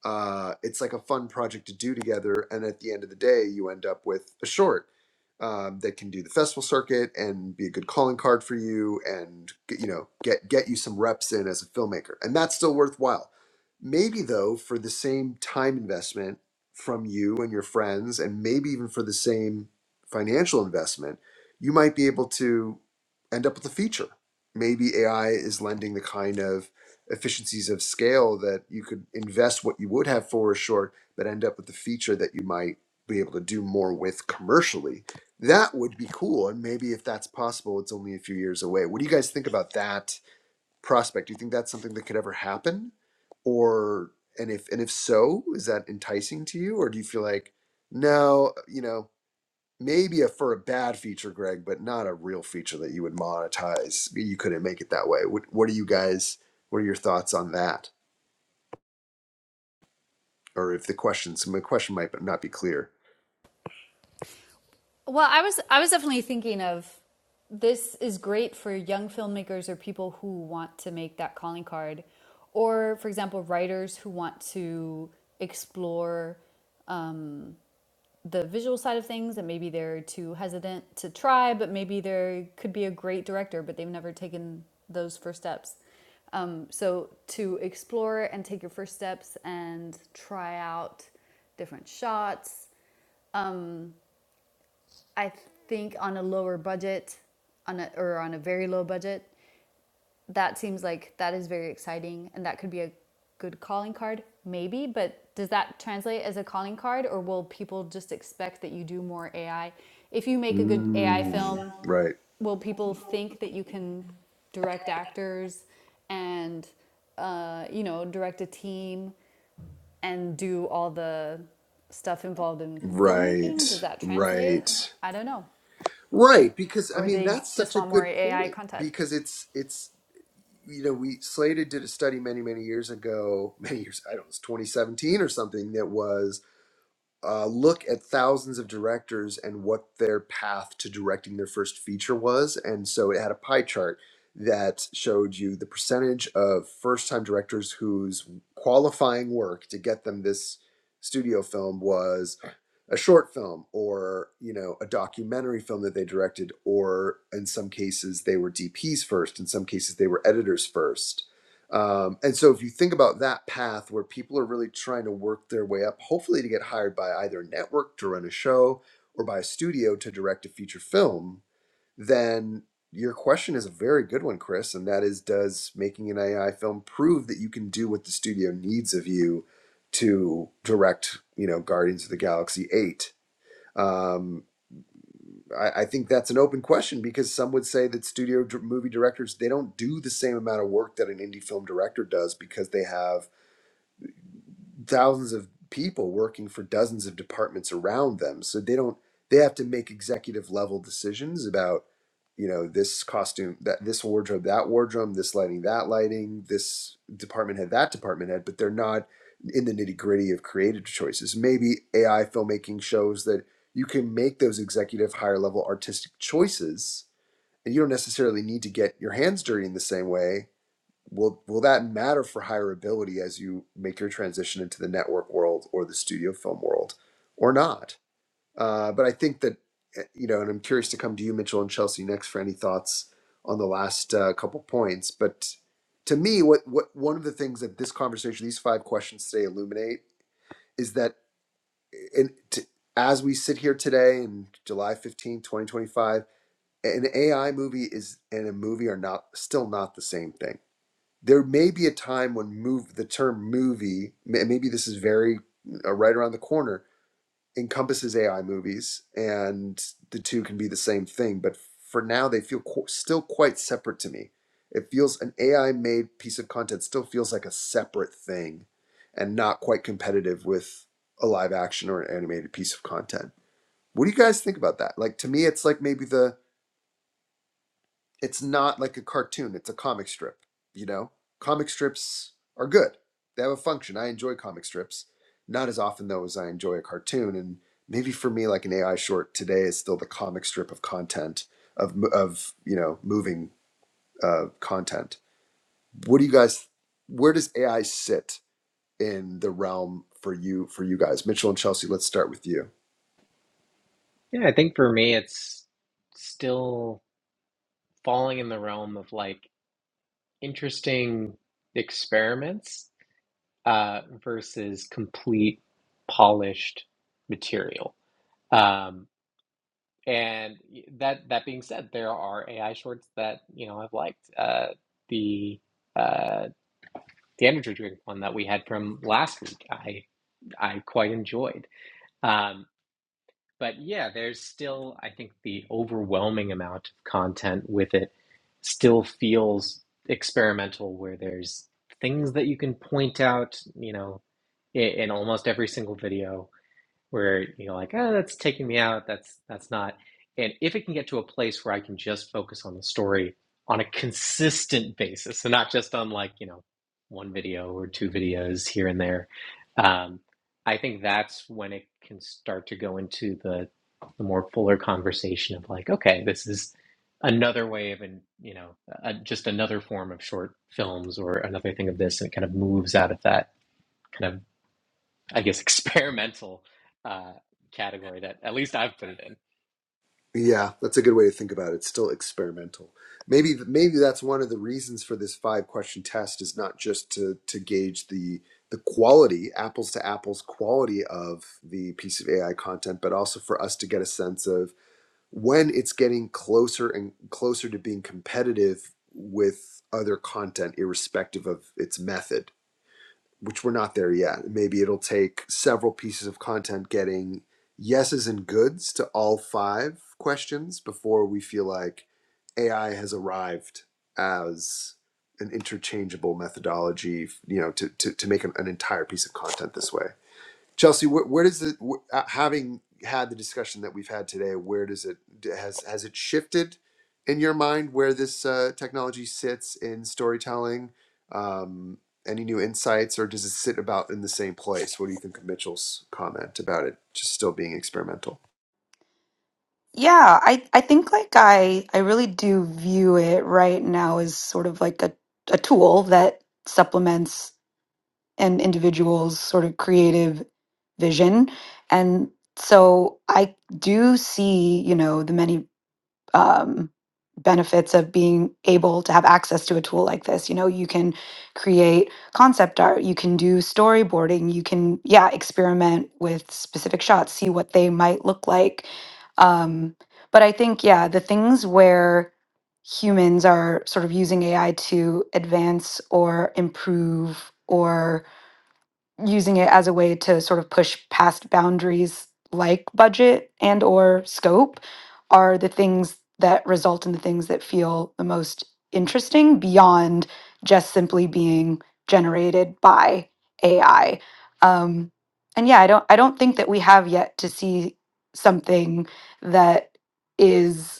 C: uh, it's like a fun project to do together. And at the end of the day, you end up with a short um, that can do the festival circuit and be a good calling card for you, and you know get get you some reps in as a filmmaker, and that's still worthwhile. Maybe though, for the same time investment from you and your friends, and maybe even for the same financial investment, you might be able to end up with a feature. Maybe AI is lending the kind of efficiencies of scale that you could invest what you would have for short, but end up with the feature that you might be able to do more with commercially. That would be cool. And maybe if that's possible, it's only a few years away. What do you guys think about that prospect? Do you think that's something that could ever happen? Or and if and if so, is that enticing to you? Or do you feel like, no, you know, maybe a, for a bad feature, Greg, but not a real feature that you would monetize. You couldn't make it that way. What, what are you guys? What are your thoughts on that? or if the question, so my question might not be clear.
D: Well, I was I was definitely thinking of this is great for young filmmakers or people who want to make that calling card, or for example, writers who want to explore um, the visual side of things and maybe they're too hesitant to try but maybe they could be a great director but they've never taken those first steps um, so to explore and take your first steps and try out different shots i think on a lower budget on a, or on a very low budget that seems like that is very exciting and that could be a good calling card maybe but does that translate as a calling card or will people just expect that you do more ai if you make a good ai
C: Mm,
D: film
C: right,
D: will people think that you can direct actors and uh, you know direct a team and do all the stuff involved in filmmaking does
C: right,
D: that translate
C: right,
D: i don't know
C: right. Because I
D: or
C: mean,
D: they
C: that's
D: just
C: such a
D: want more
C: good
D: ai
C: point.
D: content
C: Because it's it's you know we Slated did a study many many years ago, many years I don't know, it's 2017 or something that was uh, look at thousands of directors and what their path to directing their first feature was. And so it had a pie chart that showed you the percentage of first time directors whose qualifying work to get them this studio film was a short film or you know a documentary film that they directed or in some cases they were dps first in some cases they were editors first um, and so if you think about that path where people are really trying to work their way up, hopefully to get hired by either a network to run a show or by a studio to direct a feature film, then your question is a very good one, Chris, and that is does making an AI film prove that you can do what the studio needs of you to direct, you know, Guardians of the Galaxy 8? I, I think that's an open question because some would say that studio movie directors they don't do the same amount of work that an indie film director does because they have thousands of people working for dozens of departments around them so they don't they have to make executive level decisions about you know this costume that this wardrobe that wardrobe this lighting that lighting this department head that department head but they're not in the nitty gritty of creative choices maybe ai filmmaking shows that you can make those executive higher level artistic choices and you don't necessarily need to get your hands dirty in the same way will will that matter for hireability as you make your transition into the network world or the studio film world or not uh, but i think that eh, you know and i'm curious to come to you mitchell and chelsea next for any thoughts on the last uh, couple points but to me what what one of the things that this conversation these five questions today illuminate is that and to, as we sit here today in july 15 2025 an ai movie is and a movie are not still not the same thing there may be a time when move the term movie maybe this is very uh, right around the corner encompasses AI movies and the two can be the same thing but for now they feel qu- still quite separate to me it feels an AI made piece of content still feels like a separate thing and not quite competitive with a live action or an animated piece of content what do you guys think about that like to me it's like maybe the it's not like a cartoon it's a comic strip you know comic strips are good they have a function i enjoy comic strips not as often though as i enjoy a cartoon and maybe for me like an ai short today is still the comic strip of content of of you know moving uh, content what do you guys where does ai sit in the realm for you for you guys mitchell and chelsea let's start with you
A: Yeah. I think for me, it's still falling in the realm of like interesting experiments uh, versus complete polished material. Um, And that that being said, there are AI shorts that you know I've liked. Uh, the uh, the energy drink one that we had from last week, I I quite enjoyed. Um, but yeah, there's still I think the overwhelming amount of content with it still feels experimental, where there's things that you can point out, you know, in, in almost every single video where you're like, oh, that's taking me out. That's that's not. And if it can get to a place where I can just focus on the story on a consistent basis, and not just on like you know one video or two videos here and there, um, I think that's when it can start to go into the the more fuller conversation of like, okay, this is another way of an you know uh just another form of short films or another thing of this, and it kind of moves out of that kind of I guess experimental uh, category that at least I've put it in.
C: Yeah, that's a good way to think about it. It's still experimental. Maybe maybe that's one of the reasons for this five question test is not just to to gauge the the quality, apples to apples quality of the piece of AI content, but also for us to get a sense of when it's getting closer and closer to being competitive with other content, irrespective of its method which we're not there yet. Maybe it'll take several pieces of content getting yeses and goods to all five questions before we feel like AI has arrived as an interchangeable methodology, you know, to, to, to make an, an entire piece of content this way. Chelsea, where, where does it wh- uh, having had the discussion that we've had today? Where does it d- has has it shifted in your mind where this uh, technology sits in storytelling? Um, any new insights, or does it sit about in the same place? What do you think of Mitchell's comment about it just still being experimental?
B: yeah i i think like i i really do view it right now as sort of like a, a tool that supplements an individual's sort of creative vision. And so I do see, you know, the many um, benefits of being able to have access to a tool like this. You know, you can create concept art, you can do storyboarding, you can, yeah, experiment with specific shots, see what they might look like. Um, but I think, yeah, the things where humans are sort of using AI to advance or improve or using it as a way to sort of push past boundaries like budget and or scope are the things that result in the things that feel the most interesting beyond just simply being generated by AI. Um, and yeah, I don't I don't think that we have yet to see something that is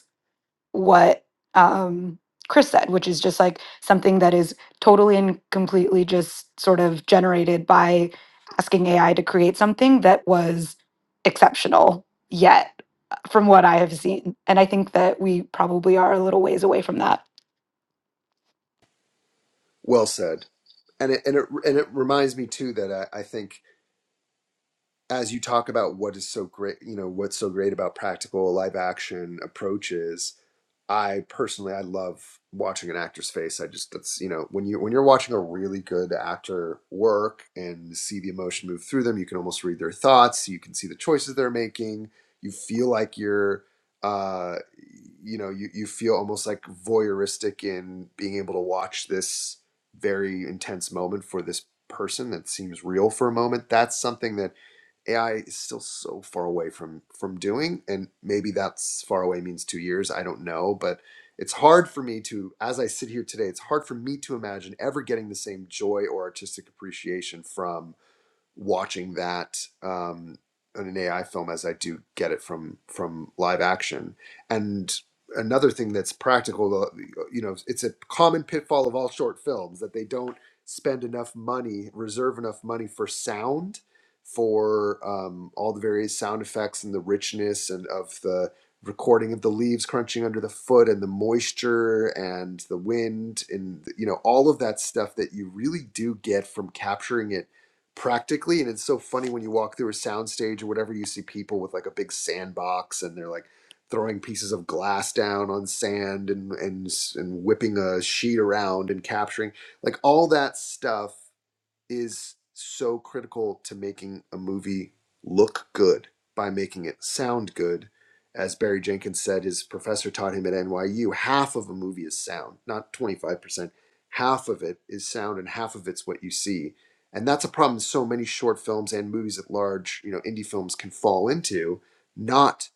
B: what um, Chris said, which is just like something that is totally and completely just sort of generated by asking AI to create something that was exceptional yet, from what I have seen. And I think that we probably are a little ways away from that.
C: Well said, and it and it and it reminds me too that I, I think as you talk about what is so great, you know, what's so great about practical live action approaches I personally I love watching an actor's face. I just that's you know when you when you're watching a really good actor work and see the emotion move through them, you can almost read their thoughts. You can see the choices they're making. You feel like you're uh you know you, you feel almost like voyeuristic in being able to watch this very intense moment for this person that seems real for a moment that's something that AI is still so far away from from doing, and maybe that's far away means two years. I don't know, but it's hard for me to, as I sit here today, it's hard for me to imagine ever getting the same joy or artistic appreciation from watching that um, in an AI film as I do get it from from live action. And another thing that's practical, uh, you know, it's a common pitfall of all short films that they don't spend enough money, reserve enough money for sound, for um, all the various sound effects and the richness and of the recording of the leaves crunching under the foot and the moisture and the wind and you know all of that stuff that you really do get from capturing it practically and it's so funny when you walk through a soundstage or whatever you see people with like a big sandbox and they're like throwing pieces of glass down on sand and and and whipping a sheet around and capturing like all that stuff is so critical to making a movie look good by making it sound good. As Barry Jenkins said, his professor taught him at NYU, half of a movie is sound, not 25%. Half of it is sound and half of it's what you see. And that's a problem so many short films and movies at large, you know, indie films can fall into, not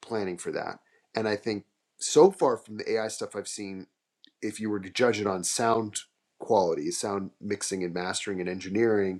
C: planning for that. And I think so far from the AI stuff I've seen if you were to judge it on sound quality, sound mixing and mastering and engineering,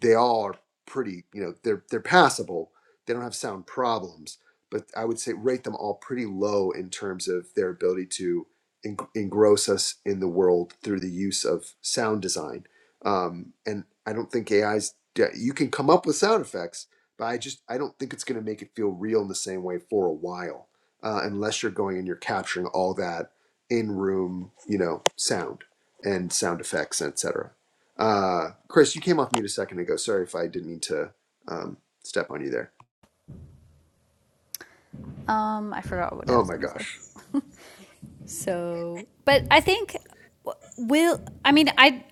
C: they all are pretty you know they're they're passable they don't have sound problems but i would say rate them all pretty low in terms of their ability to en- engross us in the world through the use of sound design um, and i don't think ai's de- you can come up with sound effects but i just i don't think it's going to make it feel real in the same way for a while uh, unless you're going and you're capturing all that in room you know sound and sound effects etc uh, Chris, you came off mute a second ago. Sorry if I didn't mean to um, step on you there.
D: um i forgot what i
C: Oh
D: was
C: my
D: going to say
C: gosh.
D: So, but I think will I mean I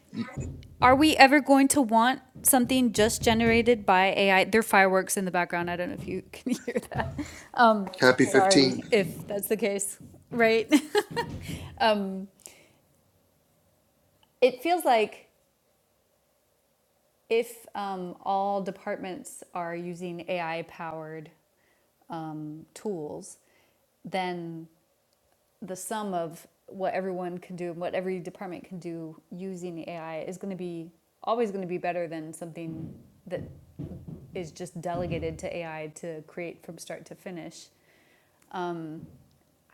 D: are we ever going to want something just generated by AI? There are fireworks in the background. I don't know if you can hear that. Um,
C: Happy 15.
D: sorry if that's the case, right? Um, it feels like if um, all departments are using AI powered um, tools, then the sum of what everyone can do and what every department can do using AI is going to be always going to be better than something that is just delegated to AI to create from start to finish. Um,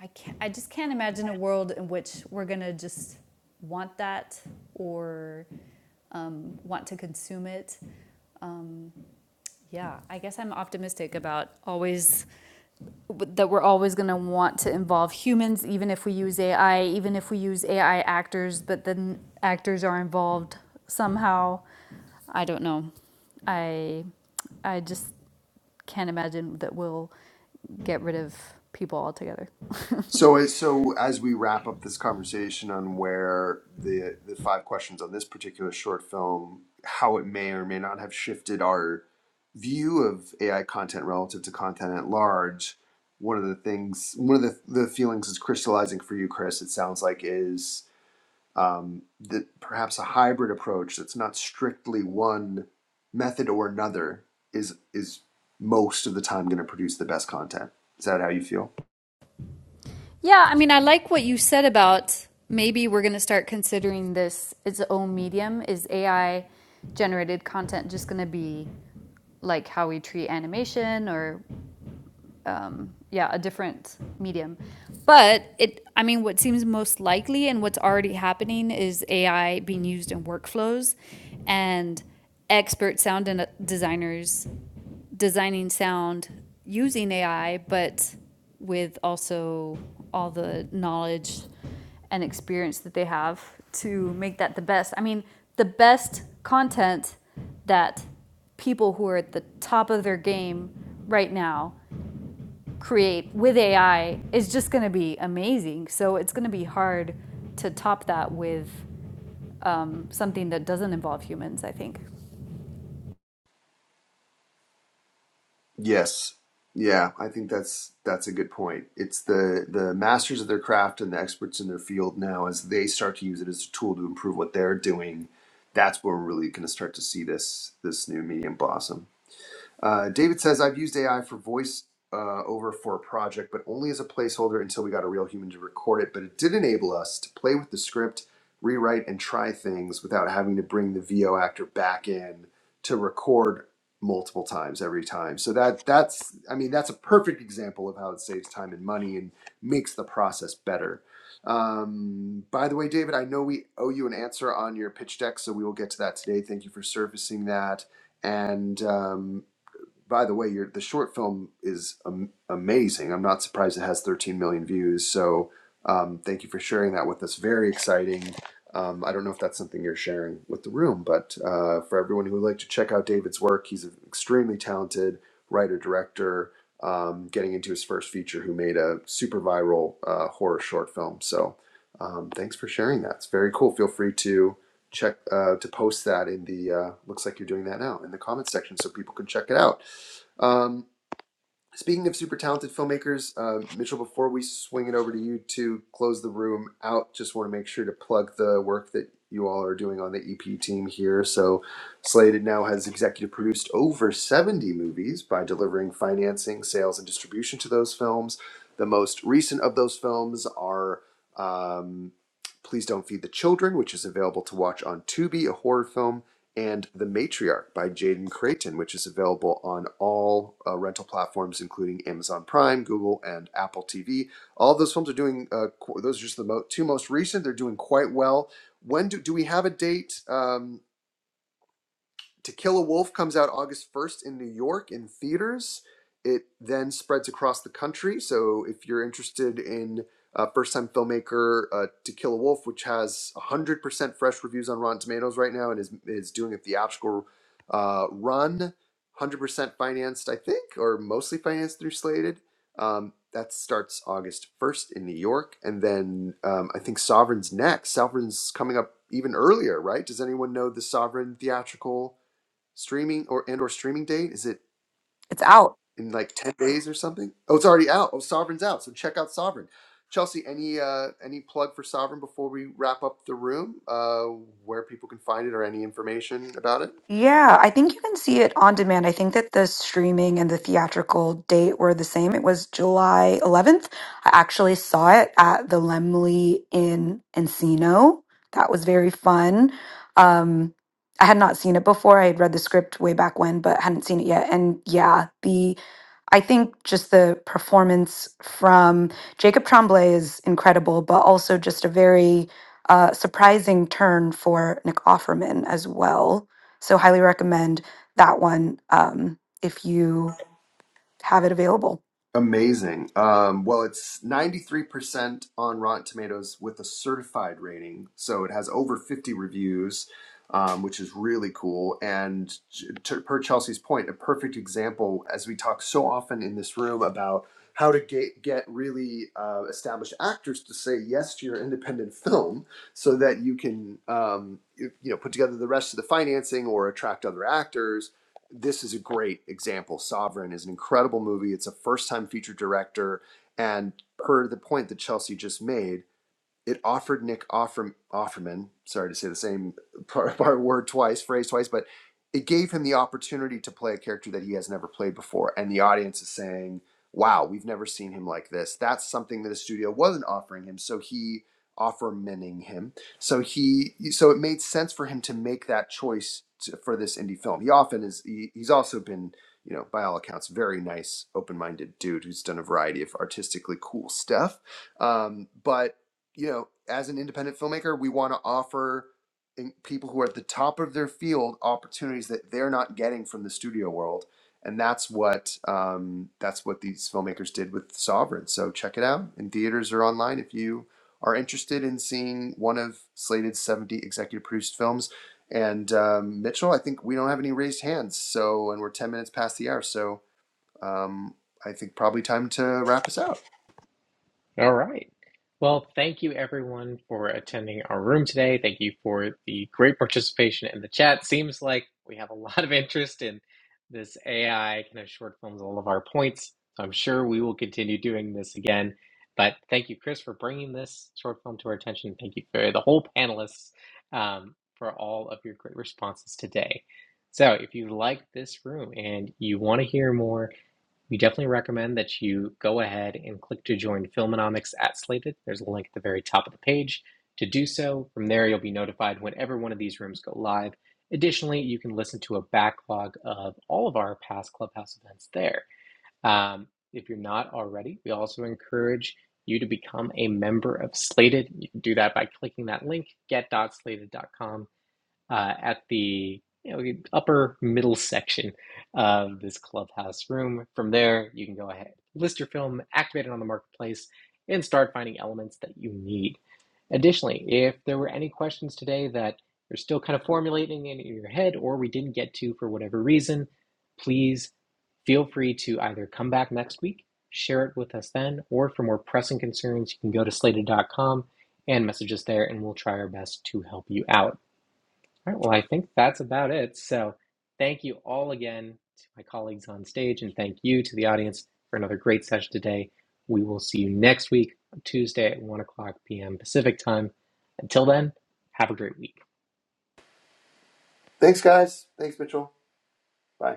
D: I can't, I just can't imagine a world in which we're going to just want that or um, want to consume it. Um, yeah, I guess I'm optimistic about always that we're always going to want to involve humans, even if we use AI, even if we use AI actors, but then actors are involved somehow. I don't know. I I just can't imagine that we'll get rid of people altogether.
C: So, as- so as we wrap up this conversation on where the the five questions on this particular short film, how it may or may not have shifted our view of AI content relative to content at large, one of the things, one of the, the feelings that's crystallizing for you, Chris, it sounds like is um, that perhaps a hybrid approach that's not strictly one method or another is is most of the time going to produce the best content. Is that how you feel?
D: Yeah, I mean, I like what you said about maybe we're going to start considering this its own medium. Is AI generated content just going to be like how we treat animation or um, yeah, a different medium. But it, I mean, what seems most likely and what's already happening is AI being used in workflows and expert sound designers designing sound using AI, but with also all the knowledge and experience that they have to make that the best. I mean, the best content that people who are at the top of their game right now create with AI is just going to be amazing. So it's going to be hard to top that with um, something that doesn't involve humans, I think.
C: Yes. Yeah, I think that's that's a good point. It's the the masters of their craft and the experts in their field now as they start to use it as a tool to improve what they're doing. That's where we're really going to start to see this this new medium blossom. Uh, David says, I've used AI for voice uh, over for a project, but only as a placeholder until we got a real human to record it. But it did enable us to play with the script, rewrite, and try things without having to bring the VO actor back in to record multiple times every time. So that that's I mean that's a perfect example of how it saves time and money and makes the process better. Um, by the way, David, I know we owe you an answer on your pitch deck, so we will get to that today. Thank you for surfacing that. And um, by the way, your the short film is am- amazing. I'm not surprised it has 13 million views. So um, thank you for sharing that with us. Very exciting. Um, I don't know if that's something you're sharing with the room, but uh, for everyone who would like to check out David's work, he's an extremely talented writer director. Um, getting into his first feature, who made a super viral uh, horror short film. So um, thanks for sharing that. It's very cool. Feel free to check uh, to post that in the uh, looks like you're doing that now in the comments section so people can check it out um, speaking of super talented filmmakers, uh, Mitchell, before we swing it over to you to close the room out, just want to make sure to plug the work that you all are doing on the EP team here. So, Slated now has executive produced over 70 movies by delivering financing, sales, and distribution to those films. The most recent of those films are. Um, Please Don't Feed the Children, which is available to watch on Tubi, a horror film, and The Matriarch by Jaden Creighton, which is available on all uh, rental platforms, including Amazon Prime, Google, and Apple TV. All those films are doing, uh, qu- those are just the mo- two most recent. They're doing quite well. When do, do we have a date? Um, to Kill a Wolf comes out August 1st in New York in theaters. It then spreads across the country. So if you're interested in uh, first time filmmaker uh, To Kill a Wolf, which has 100% fresh reviews on Rotten Tomatoes right now and is, is doing a theatrical uh, run, 100% financed, I think, or mostly financed through Slated. Um, that starts August 1st in New York. And then um, I think Sovereign's next. Sovereign's coming up even earlier, right? Does anyone know the Sovereign theatrical? streaming or and or streaming date? Is it
B: It's out.
C: in like ten days or something? Oh, it's already out. Oh, Sovereign's out. So check out Sovereign. Chelsea, any uh, any plug for Sovereign before we wrap up the room? Uh, where people can find it or any information about it?
B: Yeah, I think you can see it on demand. I think that the streaming and the theatrical date were the same. It was July 11th. I actually saw it at the Lemley in Encino. That was very fun. Um, I had not seen it before. I had read the script way back when, but hadn't seen it yet. And yeah, the. I think just the performance from Jacob Tremblay is incredible, but also just a very uh, surprising turn for Nick Offerman as well. So highly recommend that one um, if you have it available.
C: Amazing. Um, well, it's 93% on Rotten Tomatoes with a certified rating. So it has over 50 reviews, um, which is really cool. And to, per Chelsea's point, a perfect example, as we talk so often in this room about how to get, get really uh, established actors to say yes to your independent film so that you can um, you, you know put together the rest of the financing or attract other actors this is a great example. Sovereign is an incredible movie. It's a first time feature director. And per the point that Chelsea just made, it offered Nick Offer, Offerman, sorry to say the same part, part word twice, phrase twice, but it gave him the opportunity to play a character that he has never played before. And the audience is saying, wow, we've never seen him like this. That's something that the studio wasn't offering him. So he offermaning him. So he, so it made sense for him to make that choice to, for this indie film. He often is, he, he's also been you know, by all accounts, very nice, open-minded dude who's done a variety of artistically cool stuff. Um, but you know, as an independent filmmaker, we want to offer people who are at the top of their field opportunities that they're not getting from the studio world, and that's what um, that's what these filmmakers did with Sovereign. So check it out in theaters or online if you are interested in seeing one of Slated's seventy executive produced films. And um, Mitchell, I think we don't have any raised hands, so and we're ten minutes past the hour, so um, I think probably time to wrap us out.
A: All right. Well, thank you everyone for attending our room today. Thank you for the great participation in the chat. Seems like we have a lot of interest in this AI kind of short films all of our points. So I'm sure we will continue doing this again. But thank you, Chris, for bringing this short film to our attention. Thank you for the whole panelists um, for all of your great responses today. So if you like this room and you want to hear more, we definitely recommend that you go ahead and click to join Filmonomics at Slated. There's a link at the very top of the page to do so. From there, you'll be notified whenever one of these rooms go live. Additionally, you can listen to a backlog of all of our past Clubhouse events there. Um, if you're not already, we also encourage you to become a member of Slated. You can do that by clicking that link, get.slated.com uh, at the you know, upper middle section of this clubhouse room. From there, you can go ahead, list your film, activate it on the marketplace, and start finding elements that you need. Additionally, if there were any questions today that you're still kind of formulating in your head or we didn't get to for whatever reason, please feel free to either come back next week, share it with us then, or for more pressing concerns, you can go to slated dot com and message us there, and we'll try our best to help you out. All right, well, I think that's about it. So, thank you all again to my colleagues on stage, and thank you to the audience for another great session today. We will see you next week, Tuesday at 1 o'clock p.m. Pacific time. Until then, have a great week.
C: Thanks, guys. Thanks, Mitchell. Bye.